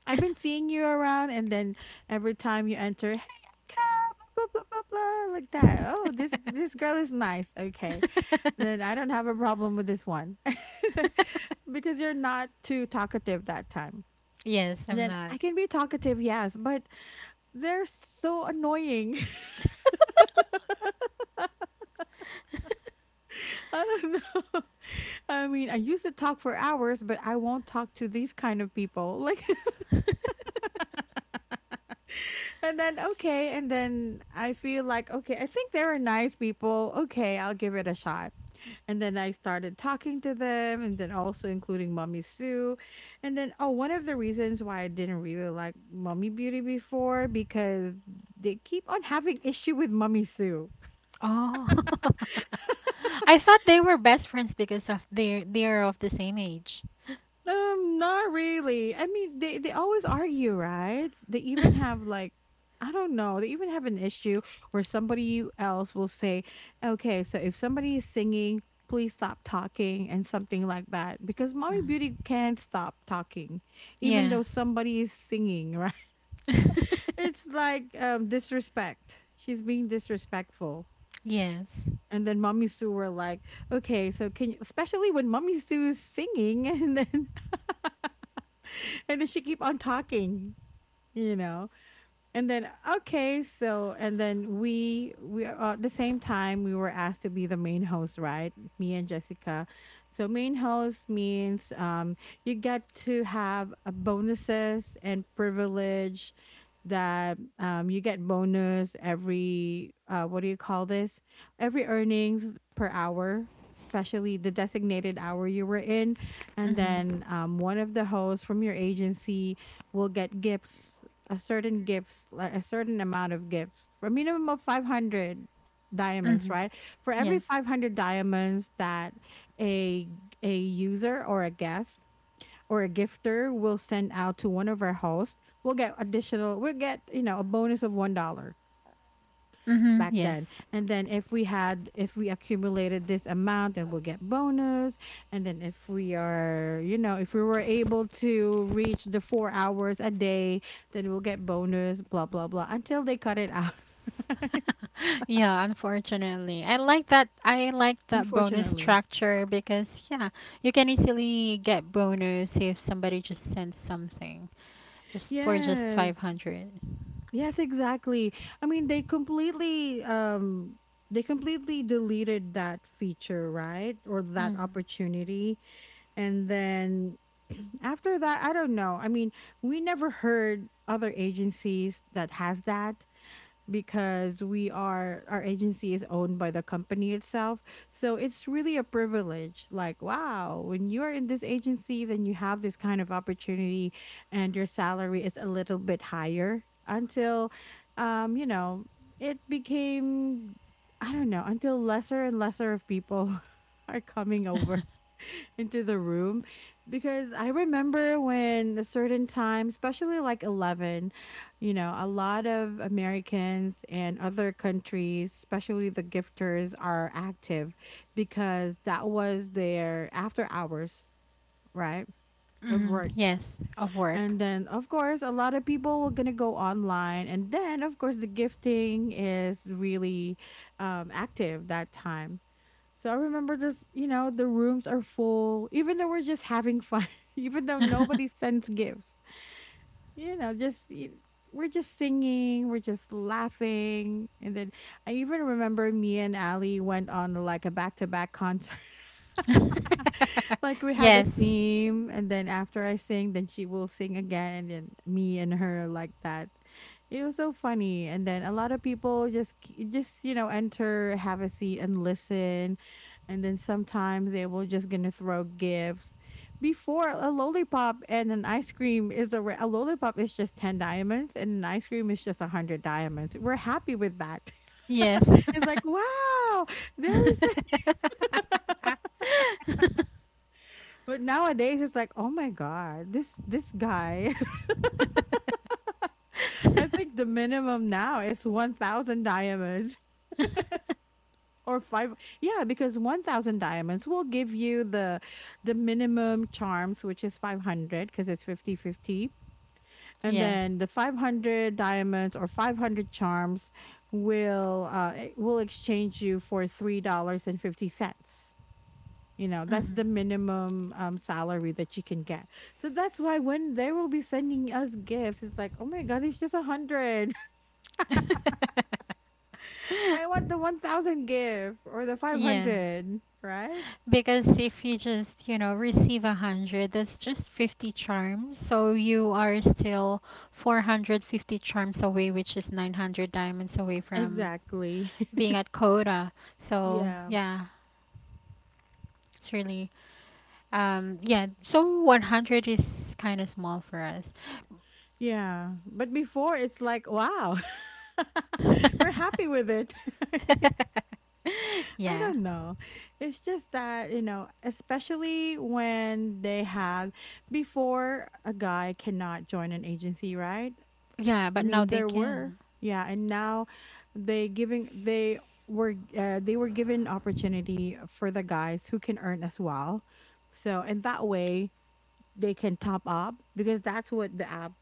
Speaker 1: I've been seeing you around, and then every time you enter, hey, Aika, blah, blah, blah, blah, blah, like that. Oh, this, this girl is nice. Okay. Then I don't have a problem with this one. [LAUGHS] Because you're not too talkative that time.
Speaker 2: Yes,
Speaker 1: And
Speaker 2: I'm
Speaker 1: then
Speaker 2: not.
Speaker 1: I can be talkative, yes, but they're so annoying. [LAUGHS] I don't know. [LAUGHS] I mean, I used to talk for hours, but I won't talk to these kind of people. [LAUGHS] Like, and then, okay. And then I feel like, okay, I think they're nice people. Okay, I'll give it a shot. And then I started talking to them, and then also including Mommy Sue. And then, oh, one of the reasons why I didn't really like Mommy Beauty before because they keep on having issue with Mommy Sue.
Speaker 2: Oh. [LAUGHS] I thought they were best friends because of they they are of the same age. [LAUGHS]
Speaker 1: Um, not really. I mean, they they always argue, right? They even
Speaker 2: Mhm.
Speaker 1: have like, I don't know. They even have an issue where somebody else will say, "Okay, so if somebody is singing, please stop talking," and something like that, because Mommy Beauty can't stop talking, even
Speaker 2: Yeah.
Speaker 1: though somebody is singing, right? [LAUGHS]
Speaker 2: [LAUGHS]
Speaker 1: It's like um disrespect. She's being disrespectful.
Speaker 2: Yes.
Speaker 1: And then Mommy Sue were like, okay, so can you, especially when Mommy Sue is singing, [LAUGHS] and then and then she keep on talking, you know? And then okay, so and then we we uh, at the same time we were asked to be the main host, right? Me and Jessica. So main host means um you get to have uh bonuses and privilege that um you get bonus every uh what do you call this? Every earnings per hour, especially the designated hour you were in, and
Speaker 2: Mhm.
Speaker 1: then um one of the hosts from your agency will get gifts, a certain gifts, like a certain amount of gifts, for a minimum of five hundred diamonds,
Speaker 2: Mhm.
Speaker 1: right? For every
Speaker 2: Yes.
Speaker 1: five hundred diamonds that a a user or a guest or a gifter will send out to one of our hosts, we'll get additional, we'll get, you know, a bonus of one dollar.
Speaker 2: Mhm.
Speaker 1: Back
Speaker 2: Yes.
Speaker 1: then, and then if we had if we accumulated this amount, then we'll get bonus. And then if we are, you know, if we were able to reach the four hours a day, then we'll get bonus blah blah blah until they cut it out. [LAUGHS] Right?
Speaker 2: [LAUGHS] Yeah, unfortunately. I like that I like that bonus
Speaker 1: Unfortunately.
Speaker 2: structure because yeah, you can easily get bonus if somebody just sends something. Just for just
Speaker 1: Yes,
Speaker 2: five hundred.
Speaker 1: yes, exactly. I mean, they completely um they completely deleted that feature, right? Or that
Speaker 2: Mm.
Speaker 1: opportunity. And then [CLEARS THROAT] after that, I don't know. I mean, we never heard other agencies that has that because we are our agency is owned by the company itself. So it's really a privilege. Like, wow, when you're in this agency, then you have this kind of opportunity and your salary is a little bit higher until um, you know, it became, I don't know, until lesser and lesser of people [LAUGHS] are coming over
Speaker 2: [LAUGHS]
Speaker 1: into the room. Because I remember when a certain time, especially like eleven, you know, a lot of Americans and other countries, especially the gifters, are active because that was their after hours, right, of
Speaker 2: Mm,
Speaker 1: work.
Speaker 2: yes, of work.
Speaker 1: And then, of course, a lot of people were going to go online. And then, of course, the gifting is really, um, active that time. So I remember just, you know, the rooms are full, even though we're just having fun, [LAUGHS] even though nobody
Speaker 2: [LAUGHS]
Speaker 1: sends gifts. You know, just y- we're just singing, we're just laughing, and then I even remember me and Ali went on like a back to back concert. [LAUGHS] Like we had a
Speaker 2: Yes.
Speaker 1: theme, and then after I sing, then she will sing again, and then me and her, like that. It was so funny. And then a lot of people just k- just you know, enter, have a seat, and listen. And then sometimes they will just gonna throw gifts. Before, a lollipop and an ice cream is a, ra- a lollipop is just ten diamonds, and an ice cream is just a hundred diamonds. We're happy with that.
Speaker 2: Yes.
Speaker 1: [LAUGHS] It's like, wow, there is...
Speaker 2: [LAUGHS]
Speaker 1: But nowadays it's like, oh my god, this this guy. [LAUGHS] I think the minimum now is one thousand diamonds, [LAUGHS] or five. Yeah, because one thousand diamonds will give you the the minimum charms, which is five hundred, because it's fifty fifty. And
Speaker 2: Yeah.
Speaker 1: then the five hundred diamonds or five hundred charms will uh eh, will exchange you for three dollars and fifty cents. You know, that's
Speaker 2: Mhm.
Speaker 1: the minimum, um, salary that you can get. So that's why when they will be sending us gifts, it's like, oh my God, it's just a hundred. [LAUGHS] I want the one thousand gift or the
Speaker 2: [LAUGHS] Yeah.
Speaker 1: five hundred, right?
Speaker 2: Because if you just, you know, receive one hundred, that's just fifty charms. So you are still four hundred fifty charms away, which is nine hundred diamonds away from
Speaker 1: Exactly.
Speaker 2: being at Coda.
Speaker 1: [LAUGHS]
Speaker 2: So,
Speaker 1: Yeah.
Speaker 2: yeah, it's really, um, yeah, so one hundred is kind of small for us.
Speaker 1: Yeah. But before, it's like, wow, [LAUGHS] we're happy
Speaker 2: [LAUGHS]
Speaker 1: with it. [LAUGHS] I
Speaker 2: Yeah.
Speaker 1: don't know. It's just that, you know, especially when they have... before, a guy cannot join an agency, right?
Speaker 2: Yeah,
Speaker 1: I
Speaker 2: but now
Speaker 1: mean,
Speaker 2: they
Speaker 1: there were,
Speaker 2: can.
Speaker 1: yeah, and now they giving they were, uh, they were given opportunity for the guys who can earn as well. So, and that way they can top up, because that's what the app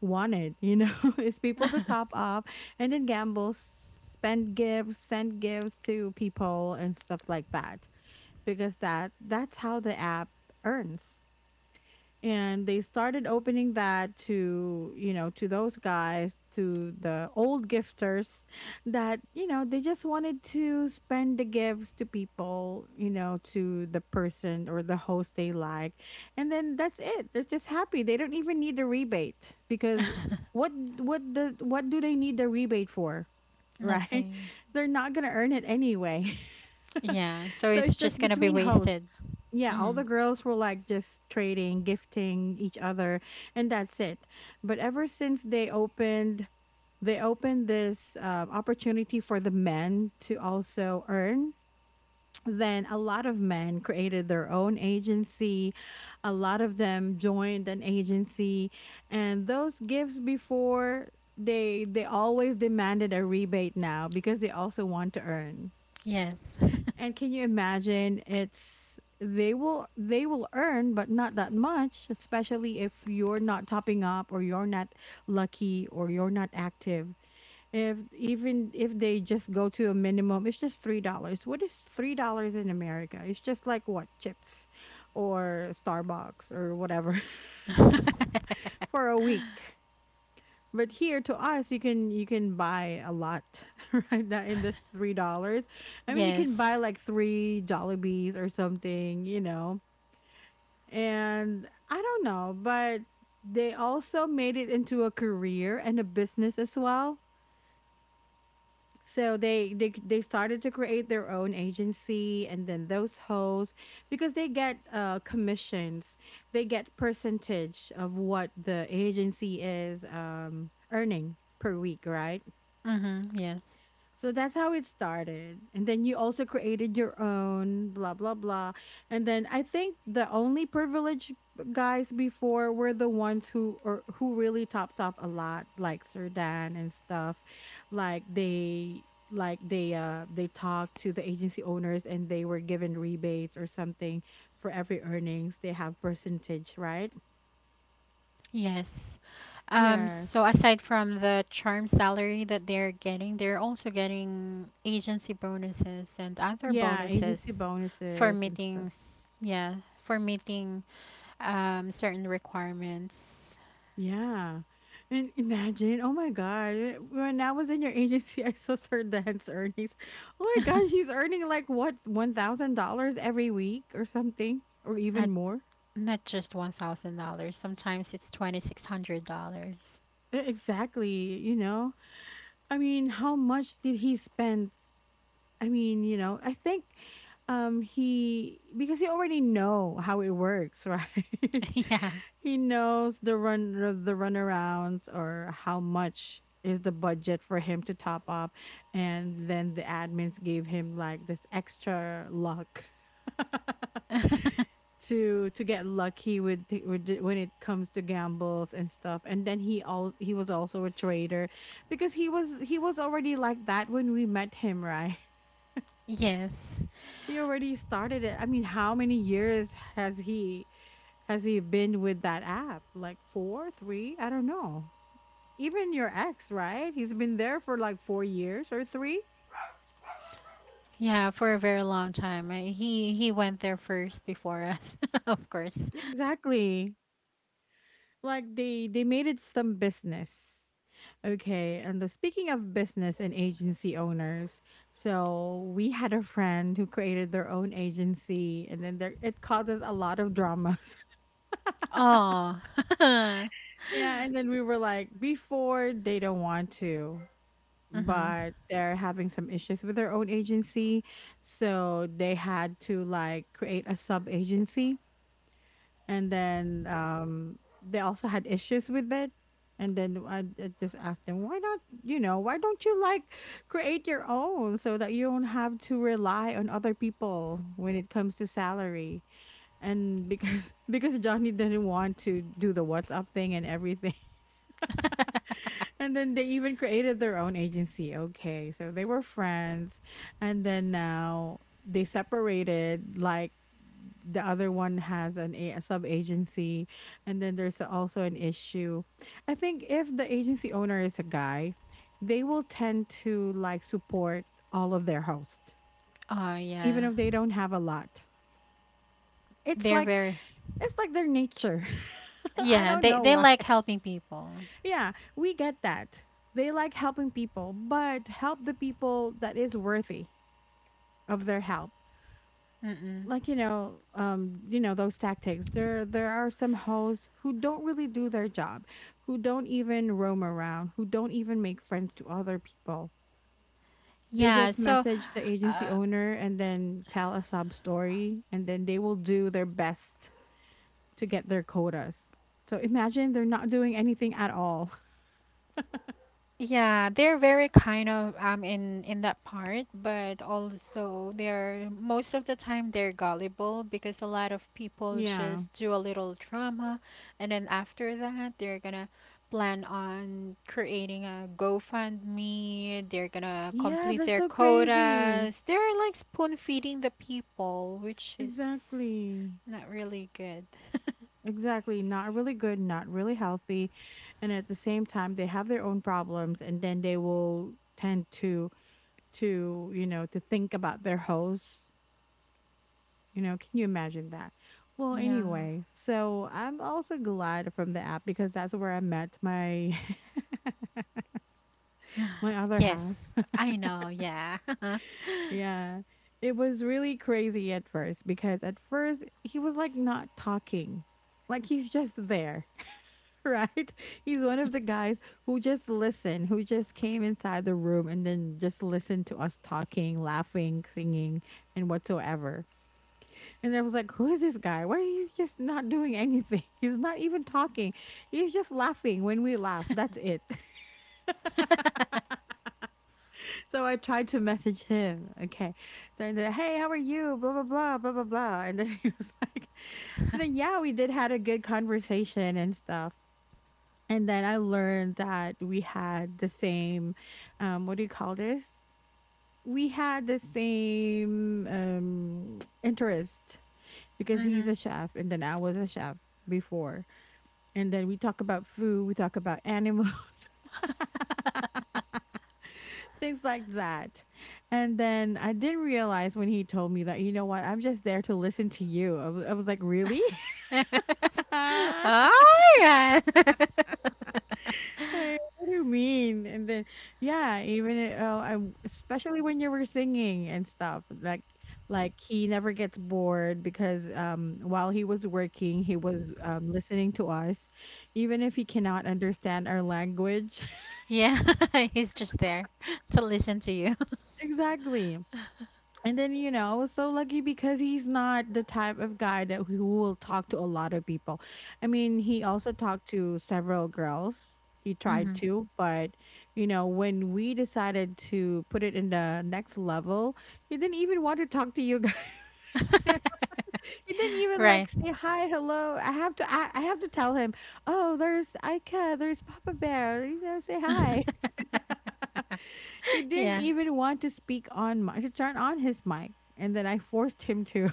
Speaker 1: wanted, you know, [LAUGHS] is people to top
Speaker 2: [LAUGHS]
Speaker 1: up and then gamble, s- spend gifts, send gifts to people and stuff like that, because that that's how the app earns. And they started opening that to, you know, to those guys, to the old gifters, that, you know, they just wanted to spend the gifts to people, you know, to the person or the host they like. And then that's it. They're just happy. They don't even need the rebate because, what what the what do they need the rebate for, right?
Speaker 2: Nothing.
Speaker 1: [LAUGHS] They're not going to earn it anyway. [LAUGHS] [LAUGHS]
Speaker 2: Yeah, so
Speaker 1: So
Speaker 2: it's
Speaker 1: it's
Speaker 2: just
Speaker 1: just
Speaker 2: gonna be
Speaker 1: between hosts.
Speaker 2: wasted.
Speaker 1: Yeah, all
Speaker 2: Mm-hmm.
Speaker 1: the girls were like just trading, gifting each other, and that's it. But ever since they opened, they opened this, uh, opportunity for the men to also earn. Then a lot of men created their own agency. A lot of them joined an agency, and those gifts before, they they always demanded a rebate now because they also want to earn.
Speaker 2: Yes.
Speaker 1: And can you imagine, it's they will they will earn but not that much, especially if you're not topping up or you're not lucky or you're not active. If, even if they just go to a minimum, it's just three dollars. What is three dollars in America? It's just like what, chips or Starbucks or whatever. [LAUGHS]
Speaker 2: [LAUGHS]
Speaker 1: For a week. But here to us, you can, you can buy a lot [LAUGHS] right now in this three dollars. I mean, you can
Speaker 2: Yes.
Speaker 1: buy like three Jollibees or something, you know. And I don't know, but they also made it into a career and a business as well. So they they they started to create their own agency, and then those hosts, because they get, uh commissions, they get percentage of what the agency is, um earning per week, right?
Speaker 2: Mm-hmm. Yes.
Speaker 1: So that's how it started. And then you also created your own, blah, blah, blah. And then I think the only privileged guys before were the ones who, or who really topped up a lot, like Sir Dan and stuff. Like they, like they uh they talked to the agency owners and they were given rebates or something for every earnings. They have percentage, right?
Speaker 2: Yes. Um,
Speaker 1: Yes.
Speaker 2: so aside from the charm salary that they're getting, they're also getting agency bonuses and other
Speaker 1: Yeah,
Speaker 2: bonuses
Speaker 1: agency
Speaker 2: for
Speaker 1: bonuses and stuff.
Speaker 2: meetings. Yeah, for meeting um, certain requirements.
Speaker 1: Yeah. And imagine, oh my God, when I was in your [LAUGHS] agency, I saw Sir Dan's earnings. Oh my
Speaker 2: [LAUGHS]
Speaker 1: God, he's earning like what, one thousand dollars every week or something, or even
Speaker 2: Not
Speaker 1: more?
Speaker 2: not just one thousand dollars. Sometimes it's twenty six hundred dollars.
Speaker 1: E- Exactly. You know, I mean, how much did he spend? I mean, you know, I think, um he, because he already know how it works, right?
Speaker 2: [LAUGHS] Yeah.
Speaker 1: [LAUGHS] He knows the run the runarounds, or how much is the budget for him to top up, and then the admins gave him like this extra luck [LAUGHS]
Speaker 2: [LAUGHS]
Speaker 1: to, to get lucky with, the- with the- when it comes to gambles and stuff. And then he all he was also a trader, because he was he was already like that when we met him, right? [LAUGHS]
Speaker 2: Yes.
Speaker 1: He already started it. I mean, how many years has he has he been with that app? Like four, three? I don't know. Even your ex, right? He's been there for like four years or three?
Speaker 2: Yeah, for a very long time. Uh, He he went there first before us, [LAUGHS] of course.
Speaker 1: Yeah, exactly. Like they, they made it some business. Okay, and the, speaking of business and agency owners, so we had a friend who created their own agency, and then there, it causes a lot of dramas. [LAUGHS]
Speaker 2: Oh. [LAUGHS]
Speaker 1: Yeah. And then we were like, before they don't want to,
Speaker 2: Hmm.
Speaker 1: but they're having some issues with their own agency, so they had to like create a sub agency, and then, um they also had issues with it. And then I, I just asked them, why not, you know, why don't you like create your own so that you don't have to rely on other people when it comes to salary? And because [LAUGHS] because Johnny didn't want to do the WhatsApp thing and everything.
Speaker 2: [LAUGHS]
Speaker 1: And then they even created their own agency. Okay, so they were friends, and then now they separated. Like the other one has an a, a sub agency, and then there's also an issue. I think if the agency owner is a guy, they will tend to like support all of their hosts,
Speaker 2: Oh
Speaker 1: even
Speaker 2: yeah.
Speaker 1: if they don't have a lot. It's
Speaker 2: They're
Speaker 1: like,
Speaker 2: very
Speaker 1: it's like their nature. [LAUGHS] I
Speaker 2: yeah,
Speaker 1: don't
Speaker 2: they
Speaker 1: know
Speaker 2: they
Speaker 1: why.
Speaker 2: like helping people.
Speaker 1: Yeah, we get that. They like helping people, but help the people that is worthy of their help.
Speaker 2: Mm-mm.
Speaker 1: Like, you know, um, you know, those tactics. There there are some hosts who don't really do their job, who don't even roam around, who don't even make friends to other people. They
Speaker 2: Yeah,
Speaker 1: just
Speaker 2: so
Speaker 1: message the agency
Speaker 2: uh,
Speaker 1: owner and then tell a sub story, and then they will do their best to get their quotas. So imagine they're not doing anything at all. [LAUGHS]
Speaker 2: yeah, they're very kind of um in in that part, but also they're most of the time they're gullible because a lot of people
Speaker 1: Yeah.
Speaker 2: just do a little drama and then after that they're gonna plan on creating a GoFundMe, they're gonna
Speaker 1: Yeah,
Speaker 2: complete
Speaker 1: that's
Speaker 2: their
Speaker 1: so crazy.
Speaker 2: quotas. They're like spoon feeding the people, which is
Speaker 1: Exactly.
Speaker 2: not really good. [LAUGHS]
Speaker 1: Exactly. Not really good, not really healthy. And at the same time, they have their own problems, and then they will tend to, to, you know, to think about their hosts. You know, can you imagine that? Well,
Speaker 2: Yeah.
Speaker 1: anyway, so I'm also glad from the app because that's where I met my [LAUGHS] my other
Speaker 2: Yes,
Speaker 1: half.
Speaker 2: I know, yeah. [LAUGHS]
Speaker 1: Yeah. It was really crazy at first, because at first he was like not talking. Like he's just there. [LAUGHS] Right? He's one of the guys who just listened, who just came inside the room and then just listened to us talking, laughing, singing, and whatsoever. And I was like, who is this guy? Why he's just not doing anything? [LAUGHS] He's not even talking. He's just laughing when we laugh. That's it. [LAUGHS] So I tried to message him. Okay. So I said, hey, how are you? Blah, blah, blah, blah, blah, blah. And then [LAUGHS] he was like, and then, yeah, we did had a good conversation and stuff. And then I learned that we had the same, um, what do you call this? We had the same, um, [TSK] interest, because he's
Speaker 2: Mm-hmm.
Speaker 1: a chef, and then I was a chef before. And then we talk about food, we talk about animals, [LAUGHS] things like that. And then I didn't realize when he told me that, you know what, I'm just there to listen to you. I was, I was like, really?
Speaker 2: [LAUGHS]
Speaker 1: [LAUGHS]
Speaker 2: Oh my god. [LAUGHS]
Speaker 1: Like, what do you mean? And then, yeah, even it- oh, I w- especially when you were singing and stuff, like like he never gets bored because um while he was working, he was um listening to us, even if he cannot understand our language. [LAUGHS]
Speaker 2: Yeah, [LAUGHS] he's just there to listen to you.
Speaker 1: Exactly. And then, you know, I was so lucky because he's not the type of guy that who will talk to a lot of people. I mean, he also talked to several girls. He
Speaker 2: [LAUGHS]
Speaker 1: tried
Speaker 2: Hmm.
Speaker 1: to, but you know, when we decided to put it in the next level, he didn't even want to talk to you guys. [LAUGHS] he didn't
Speaker 2: [LAUGHS]
Speaker 1: even
Speaker 2: Right.
Speaker 1: like say hi, hello. I have to I, I have to tell him, "Oh, there's Ika, there's Papa Bear. You know, say hi." [LAUGHS]
Speaker 2: [LAUGHS]
Speaker 1: He didn't
Speaker 2: Yeah.
Speaker 1: even want to speak on my to turn on his mic. And then I forced him to.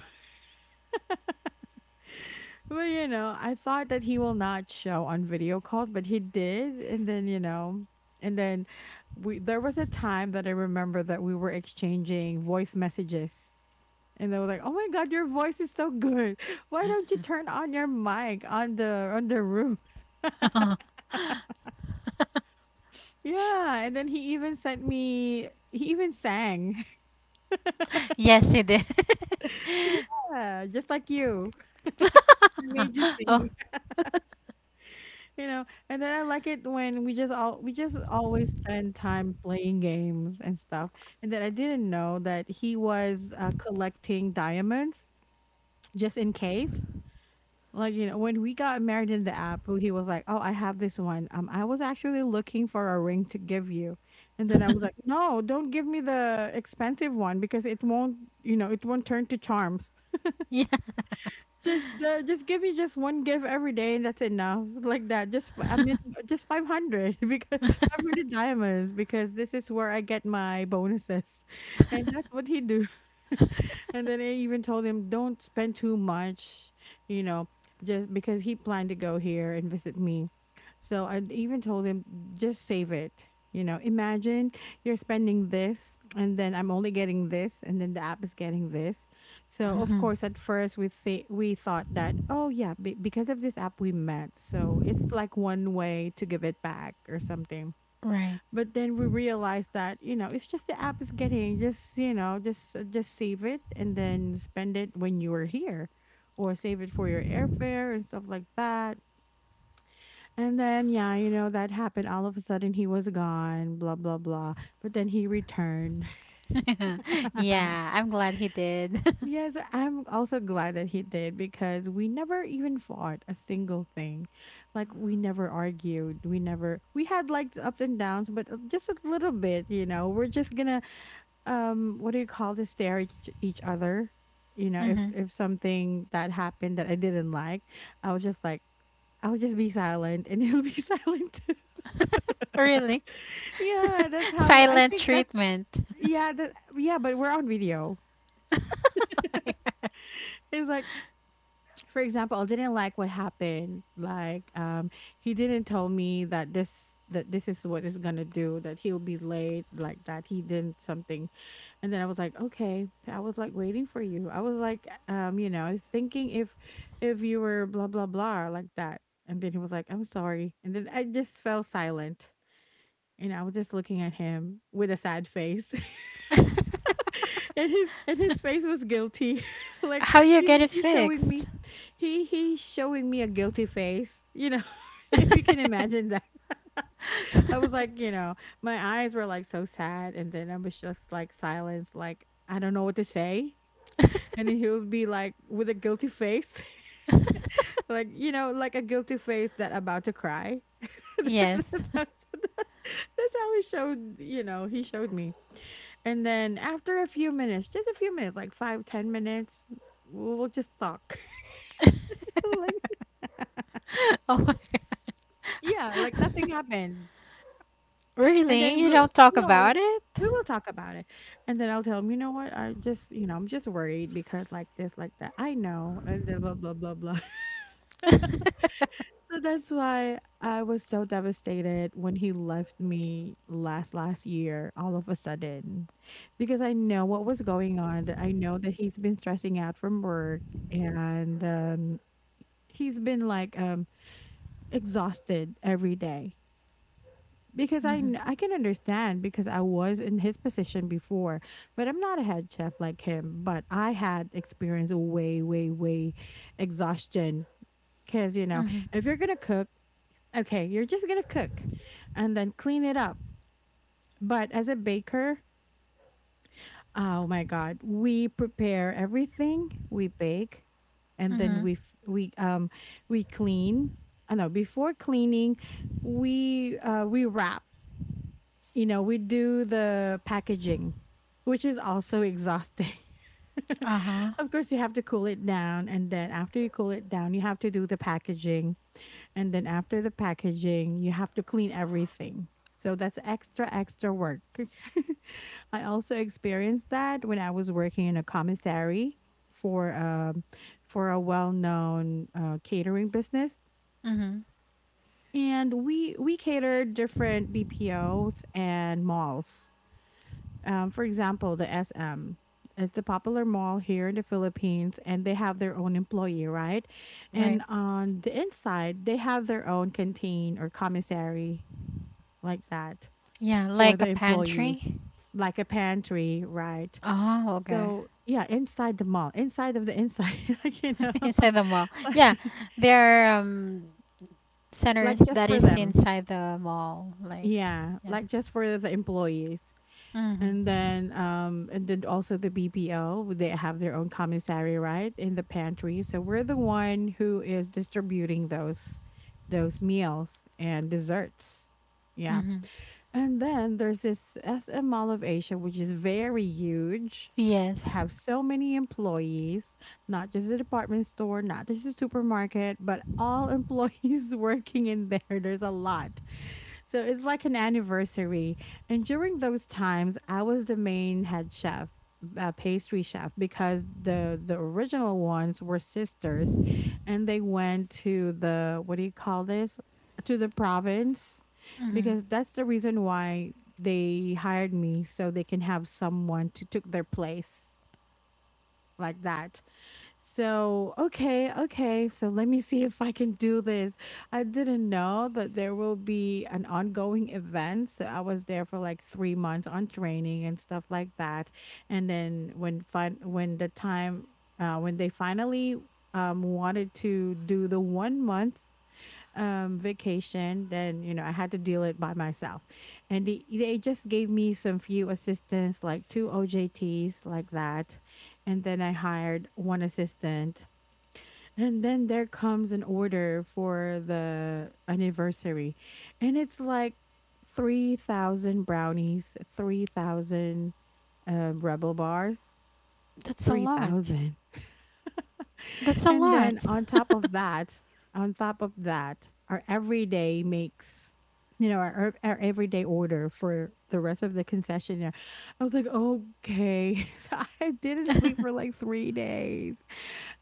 Speaker 1: But you know, I thought that he will not show on video calls, but he did. And then, you know, and then we there was a time that I remember that we were exchanging voice messages. And they were like, "Oh my god, your voice is so good. Why don't you turn on your mic on the on the room?" [LAUGHS]
Speaker 2: [LAUGHS]
Speaker 1: Yeah, and then he even sent me he even sang.
Speaker 2: Yes, he did. [LAUGHS]
Speaker 1: [LAUGHS] Yeah, just like you. I made you
Speaker 2: Oh,
Speaker 1: sing. You know, and then I like it when we just all we just always spend time playing games and stuff. And then I didn't know that he was uh, collecting diamonds just in case. Like you know, when we got married in the app, he was like, "Oh, I have this one. Um, I was actually looking for a ring to give you," and then I was like, "No, don't give me the expensive one because it won't. You know, it won't turn to charms."
Speaker 2: yeah.
Speaker 1: Just uh, just give me just one gift every day and that's enough. Like that. Just f- I mean uh, Just five hundred [LAUGHS] because five hundred diamonds because this is where I get my bonuses. [LAUGHS] And that's what he do. [LAUGHS] and then I even told him don't spend too much, you know, just because he planned to go here and visit me. So I even told him just save it. You know, imagine you're spending this and then I'm only getting this and then the app is getting this, so of
Speaker 2: Mhm.
Speaker 1: course, at first we th- we thought that, oh yeah, be because of this app we met, so it's like one way to give it back or something.
Speaker 2: Right.
Speaker 1: But then we realized that you know it's just the app is getting, just you know, just uh, just save it and then spend it when you are here, or save it for your airfare and stuff like that. And then yeah, you know that happened. All of a sudden he was gone, blah blah blah. But then he returned.
Speaker 2: [LAUGHS]
Speaker 1: [LAUGHS]
Speaker 2: Yeah, I'm glad he did.
Speaker 1: Yes, I'm also glad that he did because we never even fought a single thing. Like we never argued. We never We had like the ups and downs, but uh, just a little bit, you know. We're just gonna um what do you call this stare at each each other. You
Speaker 2: [LAUGHS]
Speaker 1: know, if
Speaker 2: Hmm. [LAUGHS]
Speaker 1: if something that happened that I didn't like, I was just like I'll just be silent and [LAUGHS] he'll be silent too.
Speaker 2: Really?
Speaker 1: [LAUGHS] yeah, that's
Speaker 2: [LAUGHS]
Speaker 1: how I
Speaker 2: Silent
Speaker 1: think that's
Speaker 2: treatment.
Speaker 1: yeah, that, yeah, but we're on video.
Speaker 2: [LAUGHS]
Speaker 1: [LAUGHS] It's like for example, I didn't like what happened. Like, um, he didn't tell me that this that this is what is gonna do. That he'll be late. Like that he did something, and then I was like, okay. I was like waiting for you. I was like, um, you know, thinking if if you were blah blah blah like that. And then he was like, I'm sorry. And then I just fell silent, and I was just looking at him with a sad face. [LAUGHS] [LAUGHS] and his and his face was guilty, [LAUGHS] like
Speaker 2: How you get
Speaker 1: he's
Speaker 2: it
Speaker 1: he's showing
Speaker 2: fixed?
Speaker 1: me, he he's showing me a guilty face, you know, [LAUGHS] if you can
Speaker 2: [LAUGHS]
Speaker 1: imagine that. [LAUGHS] I was like, you know, my eyes were like so sad and then I was just like silence, like I don't know what to say, and then he would be like with a guilty face, [LAUGHS] like you know, like a guilty face that about to cry. [LAUGHS]
Speaker 2: Yes.
Speaker 1: that's how, [LAUGHS] that's how he showed, you know, he showed me. And then after a few minutes, just a few minutes, like five, ten minutes, we'll just talk. [LAUGHS]
Speaker 2: [LAUGHS]
Speaker 1: Like
Speaker 2: Oh my
Speaker 1: yeah, like
Speaker 2: God.
Speaker 1: nothing happened.
Speaker 2: [LAUGHS]
Speaker 1: And
Speaker 2: Really?
Speaker 1: then
Speaker 2: You
Speaker 1: we'll
Speaker 2: don't talk
Speaker 1: no,
Speaker 2: about it?
Speaker 1: we will talk about it. And then I'll tell him, "You know what? I just, you know, I'm just worried because like this, like that." "I know," and then blah, blah, blah, blah. [LAUGHS]
Speaker 2: [LAUGHS]
Speaker 1: So that's why I was so devastated when he left me last last year all of a sudden because I know what was going on. That I know that he's been stressing out from work and, um he's been like um exhausted every day because I
Speaker 2: Mhm.
Speaker 1: kn- I can understand because I was in his position before, but I'm not a head chef like him. But I had experienced way way way exhaustion because you know
Speaker 2: Mhm.
Speaker 1: if you're gonna cook, okay, you're just gonna cook, and then clean it up. But as a baker, oh my god. We prepare everything, we bake, and then
Speaker 2: Mhm.
Speaker 1: we f- we um we clean. I know before cleaning, we uh we wrap. You know, we do the packaging, which is also exhausting.
Speaker 2: Uh-huh.
Speaker 1: [LAUGHS] of course, you have to cool it down and then after you cool it down, you have to do the packaging. And then after the packaging, you have to clean everything. So that's extra, extra work. [LAUGHS] I also experienced that when I was working in a commissary for um for a well-known uh, catering business,
Speaker 2: Mhm.
Speaker 1: and we we catered different B P Os and malls, um, for example, the S M. It's a popular mall here in the Philippines, and they have their own employee, right?
Speaker 2: Right.
Speaker 1: And on the inside, they have their own canteen or commissary like that
Speaker 2: Yeah,
Speaker 1: for
Speaker 2: like
Speaker 1: the
Speaker 2: a
Speaker 1: employees,
Speaker 2: pantry.
Speaker 1: like a pantry, right?
Speaker 2: Oh, okay.
Speaker 1: So, yeah, inside the mall, inside of the inside, [LAUGHS] like, you know, [LAUGHS]
Speaker 2: [LAUGHS] Inside the mall. Yeah,
Speaker 1: like,
Speaker 2: there are um, centers
Speaker 1: like just
Speaker 2: that
Speaker 1: for
Speaker 2: is
Speaker 1: them.
Speaker 2: inside the mall. Like,
Speaker 1: Yeah,
Speaker 2: yeah.
Speaker 1: like just for the employees. And
Speaker 2: Mhm.
Speaker 1: then, um, and then also the B P O, they have their own commissary, right, in the pantry. So we're the one who is distributing those, those meals and desserts. Yeah,
Speaker 2: Mhm.
Speaker 1: and then there's this S M Mall of Asia, which is very huge,
Speaker 2: Yes.
Speaker 1: have so many employees, not just a department store, not just a supermarket, but all employees [LAUGHS] working in there. There's a lot. So it's like an anniversary. And during those times, I was the main head chef. Uh, pastry chef because the the original ones were sisters and they went to the what do you call this, to the province,
Speaker 2: Mhm.
Speaker 1: because that's the reason why they hired me so they can have someone to took their place like that. So, okay, okay. So let me see if I can do this. I didn't know that there will be an ongoing event. So I was there for like three months on training and stuff like that. And then when fin- when the time uh when they finally um wanted to do the one month um vacation, then you know I had to deal it by myself, and they, they just gave me some few assistants like two ojts like that, and then I hired one assistant. And then there comes an order for the anniversary, and it's like three thousand brownies, three thousand um, rebel bars,
Speaker 2: That's a lot.
Speaker 1: three thousand.
Speaker 2: That's a
Speaker 1: And then
Speaker 2: lot.
Speaker 1: on top of that, on top of that, our everyday makes, you know, our, our everyday order for the rest of the concessionaire. I was like, okay. [LAUGHS] So I didn't sleep for
Speaker 2: [LAUGHS]
Speaker 1: like three days.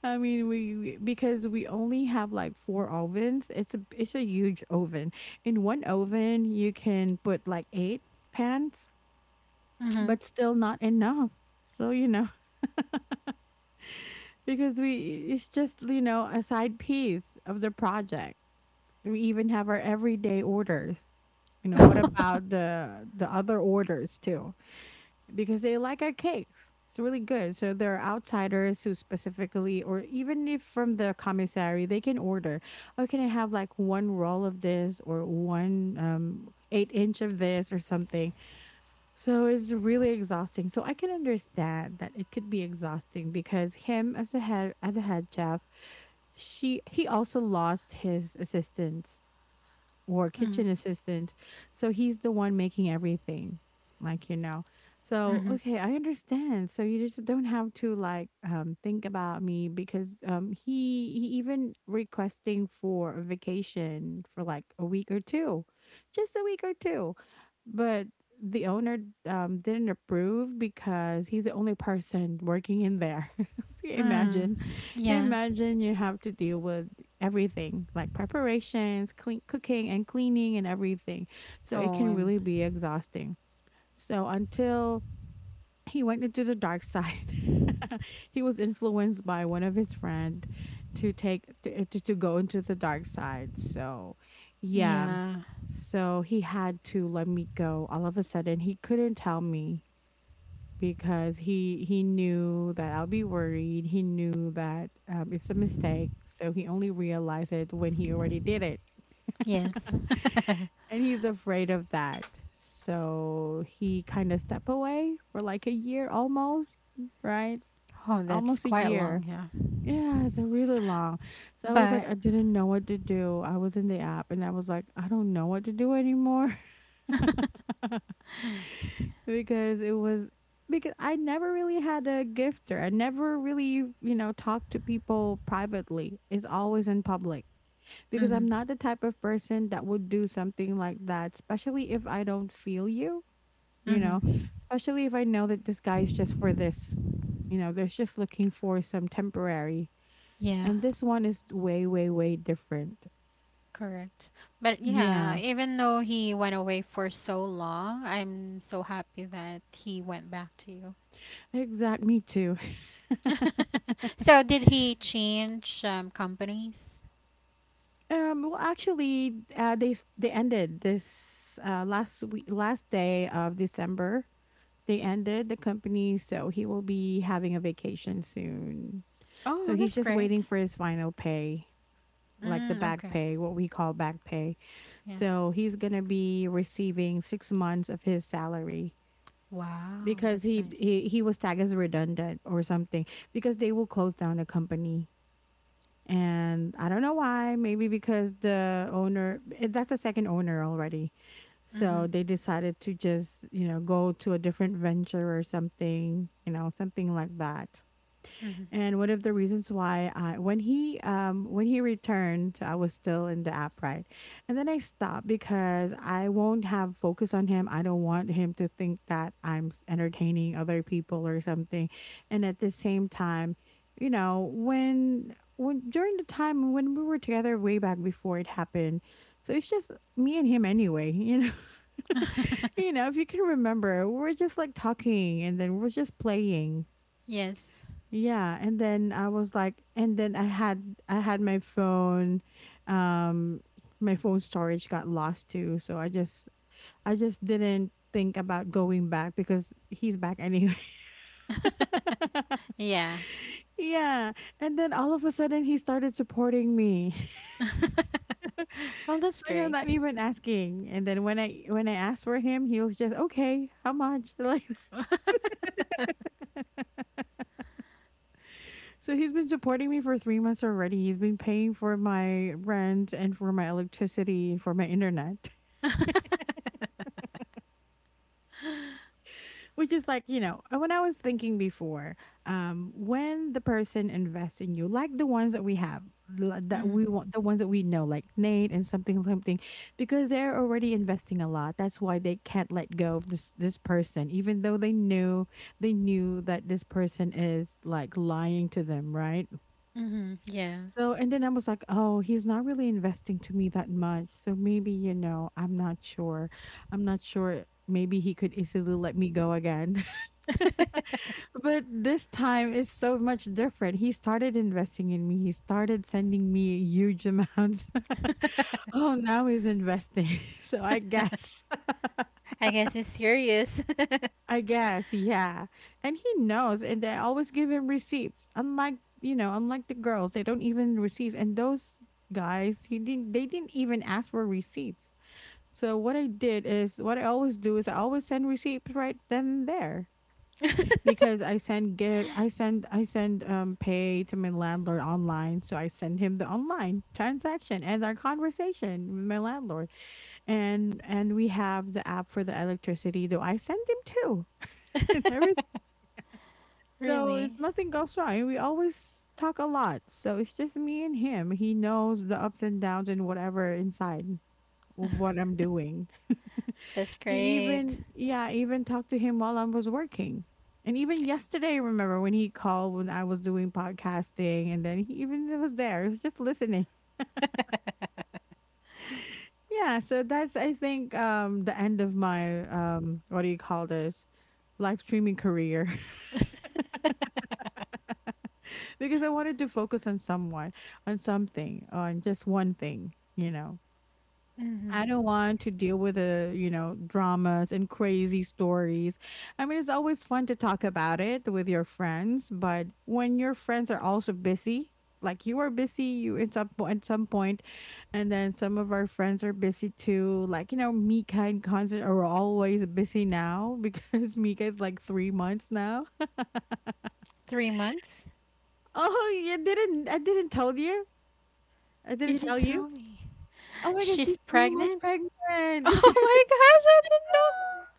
Speaker 1: I mean, we we- Because we only have like four ovens. It's a it's a huge oven. In one oven, you can put like eight pans,
Speaker 2: Mhm.
Speaker 1: but still not enough. So you know, because we, it's just you know a side piece of the project, we even have our everyday orders, you know, what
Speaker 2: [LAUGHS]
Speaker 1: about the the other orders too, because they like our cakes, it's really good, so there are outsiders who specifically or even if from the commissary they can order, oh, can I have like one roll of this or one um eight inch of this or something. So it's really exhausting. So I can understand that it could be exhausting because him, as a head as a head chef, she he also lost his assistant or
Speaker 2: Mm.
Speaker 1: kitchen assistant. So he's the one making everything, like, you know. So,
Speaker 2: Mhm.
Speaker 1: okay, I understand. So you just don't have to like um think about me because um he he even requesting for a vacation for like a week or two. Just a week or two. But the owner um didn't approve because he's the only person working in there. [LAUGHS]
Speaker 2: Mm.
Speaker 1: Imagine.
Speaker 2: Yeah.
Speaker 1: Imagine you have to deal with everything like preparations, clean, cooking, and cleaning, and everything. So it
Speaker 2: Oh,
Speaker 1: can
Speaker 2: um,
Speaker 1: really be exhausting. So until he went into the dark side, [LAUGHS] he was influenced by one of his friend to take to, to, to go into the dark side. So, yeah.
Speaker 2: yeah.
Speaker 1: So he had to let me go all of a sudden. He couldn't tell me because he he knew that I'll be worried. He knew that um, it's a mistake, so he only realized it when he already did it,
Speaker 2: Yes. [LAUGHS]
Speaker 1: [LAUGHS] and he's afraid of that. So he kind of step away for like a year almost, right?
Speaker 2: Oh, that's
Speaker 1: Almost a
Speaker 2: quite
Speaker 1: year.
Speaker 2: long. Yeah.
Speaker 1: Yeah, it's a really long. So I was like,
Speaker 2: But.
Speaker 1: I didn't know what to do. I was in the app, and I was like, I don't know what to do anymore.
Speaker 2: [LAUGHS]
Speaker 1: Because it was, because I never really had a gifter. I never really, you know, talked to people privately. It's always in public because I'm
Speaker 2: Mhm.
Speaker 1: not the type of person that would do something like that, especially if I don't feel you, you know,
Speaker 2: Mhm.
Speaker 1: especially if I know that this guy is just for this, you know, they're just looking for some temporary.
Speaker 2: Yeah.
Speaker 1: And this one is way, way, way different.
Speaker 2: Correct. But yeah,
Speaker 1: Yeah,
Speaker 2: even though he went away for so long, I'm so happy that he went back to you.
Speaker 1: exact. Me too. [LAUGHS]
Speaker 2: [LAUGHS] So did he change um, companies?
Speaker 1: Um, well, actually, uh, they s- they ended this uh, last week, last day of December. They ended the company, so he will be having a vacation soon. So
Speaker 2: Oh,
Speaker 1: he's
Speaker 2: that's
Speaker 1: just waiting
Speaker 2: great.
Speaker 1: for his final pay, like the
Speaker 2: Mm,
Speaker 1: back
Speaker 2: okay.
Speaker 1: pay, what we call back pay.
Speaker 2: Yeah.
Speaker 1: So he's gonna be receiving six months of his salary
Speaker 2: Wow,
Speaker 1: because
Speaker 2: that's
Speaker 1: he
Speaker 2: nice.
Speaker 1: he, he was tagged as redundant or something because they will close down the company. And I don't know why. Maybe because the owner, eh, that's the second owner already.
Speaker 2: Mm-hmm.
Speaker 1: So they decided to just, you know, go to a different venture or something, you know, something like that.
Speaker 2: Mm-hmm.
Speaker 1: And one of the reasons why I, when he um when he returned, I was still in the app, right, and then I stopped because I won't have focus on him. I don't want him to think that I'm s- entertaining other people or something. And at the same time, you know, when when during the time when we were together way back before it happened, so it's just me and him anyway, you know. [LAUGHS] You
Speaker 2: [LAUGHS]
Speaker 1: know, if you can remember, we we're just like talking and then we we're just playing.
Speaker 2: Yes.
Speaker 1: Yeah, and then I was like, and then I had I had my phone, um my phone storage got lost too, so I just, I just didn't think about going back because he's back anyway.
Speaker 2: [LAUGHS]
Speaker 1: [LAUGHS]
Speaker 2: Yeah.
Speaker 1: Yeah, and then all of a sudden he started supporting me. [LAUGHS]
Speaker 2: [LAUGHS] Well, that's
Speaker 1: Like I'm
Speaker 2: great.
Speaker 1: not even asking. And then when I when I asked for him, he was just, "Okay, how much?" [LAUGHS] Like
Speaker 2: [LAUGHS]
Speaker 1: so he's been supporting me for three months already. He's been paying for my rent and for my electricity and for my internet. [LAUGHS] Which is like, you know, uh, when I was thinking before, um, when the person invests in you, like the ones that we have, l- that we want, the ones that we know, like Nate and something, something, because they're already investing a lot. That's why they can't let go of this this person, even though they knew they knew that this person is like lying to them, right?
Speaker 2: Mm-hmm. Yeah.
Speaker 1: So, and then I was like, oh, he's not really investing to me that much. So maybe, you know, I'm not sure. I'm not sure. Maybe he could easily let me go again. [LAUGHS]
Speaker 2: [LAUGHS]
Speaker 1: But this time is so much different. He started investing in me. He started sending me huge amounts.
Speaker 2: [LAUGHS]
Speaker 1: [LAUGHS] Oh, now he's investing. [LAUGHS] So I guess,
Speaker 2: I guess he's serious. [LAUGHS]
Speaker 1: [LAUGHS] I guess, yeah. And he knows, and I always give him receipts. Unlike, you know, unlike the girls, they don't even receive. And those guys, he didn't. They didn't even ask for receipts. So what I did is, what I always do is, I always send receipts right then and there. Because I send give I send I send um pay to my landlord online, so I send him the online transaction and our conversation with my landlord, and and we have the app for the electricity. Though I send him too, [LAUGHS] and everything. So it's
Speaker 2: Really?
Speaker 1: nothing goes wrong. And we always talk a lot, so it's just me and him. He knows the ups and downs and whatever inside of what I'm doing.
Speaker 2: That's
Speaker 1: He
Speaker 2: great.
Speaker 1: even, yeah, even talked to him while I was working. And even yesterday, remember when he called when I was doing podcasting and then he even was there. He was just listening. [LAUGHS] Yeah, so that's, I think, um the end of my um what do you call this? Live streaming career, [LAUGHS] because I wanted to focus on someone, on something, on just one thing, you know.
Speaker 2: Hmm.
Speaker 1: I don't want to deal with the, you know, dramas and crazy stories. I mean, it's always fun to talk about it with your friends, but when your friends are also busy, like you are busy, you at some point, at some point, and then some of our friends are busy too. Like, you know, Mika and Constant are always busy now [LAUGHS] because Mika is like three months now.
Speaker 2: Three months?
Speaker 1: Oh, you didn't? I didn't tell you. I didn't
Speaker 2: You
Speaker 1: tell
Speaker 2: didn't
Speaker 1: you.
Speaker 2: tell me.
Speaker 1: Oh my gosh, she's
Speaker 2: She's
Speaker 1: three months
Speaker 2: pregnant? [LAUGHS]
Speaker 1: pregnant.
Speaker 2: Oh my gosh, I didn't know.
Speaker 1: [LAUGHS]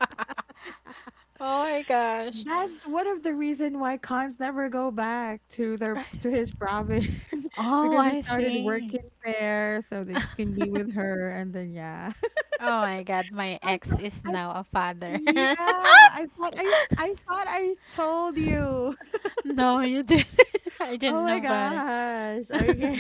Speaker 2: [LAUGHS] Oh my gosh.
Speaker 1: That's one of the reason why Cons never go back to their to his province [LAUGHS]
Speaker 2: Oh,
Speaker 1: because he
Speaker 2: I
Speaker 1: started
Speaker 2: see.
Speaker 1: working there so that he can be
Speaker 2: [LAUGHS]
Speaker 1: with her and then yeah.
Speaker 2: Oh my god, my
Speaker 1: [LAUGHS] I
Speaker 2: ex
Speaker 1: for
Speaker 2: is
Speaker 1: I
Speaker 2: now a father.
Speaker 1: yeah,
Speaker 2: [LAUGHS]
Speaker 1: I thought I s- I thought I told you. [LAUGHS]
Speaker 2: No, you didn't. [LAUGHS] I
Speaker 1: Oh
Speaker 2: didn't
Speaker 1: my
Speaker 2: know better.
Speaker 1: gosh. Okay.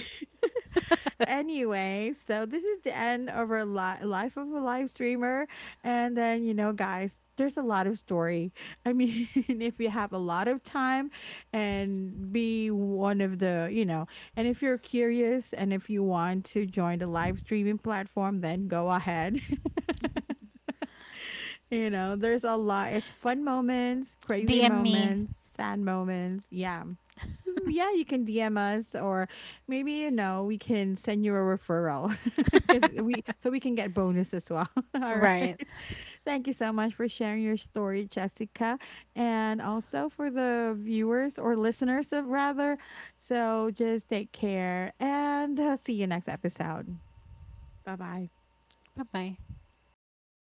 Speaker 2: [LAUGHS]
Speaker 1: Anyway, so this is the end of our li- life of a live streamer. And then, you know, guys, there's a lot of story. I mean, [LAUGHS] if you have a lot of time and be one of the, you know, and if you're curious and if you want to join the live streaming platform, then go ahead. [LAUGHS] You know, there's a lot. It's fun moments, crazy
Speaker 2: D M me.
Speaker 1: moments, sad moments. Yeah. Mm, yeah, you can D M us or maybe you know we can send you a referral [LAUGHS] because we,
Speaker 2: [LAUGHS]
Speaker 1: so we can get bonus as well. [LAUGHS] All right.
Speaker 2: Right.
Speaker 1: Thank you so much for sharing your story, Jessica, and also for the viewers or listeners, uh, rather. So just take care and, uh, see you next episode. Bye bye.
Speaker 2: Bye bye.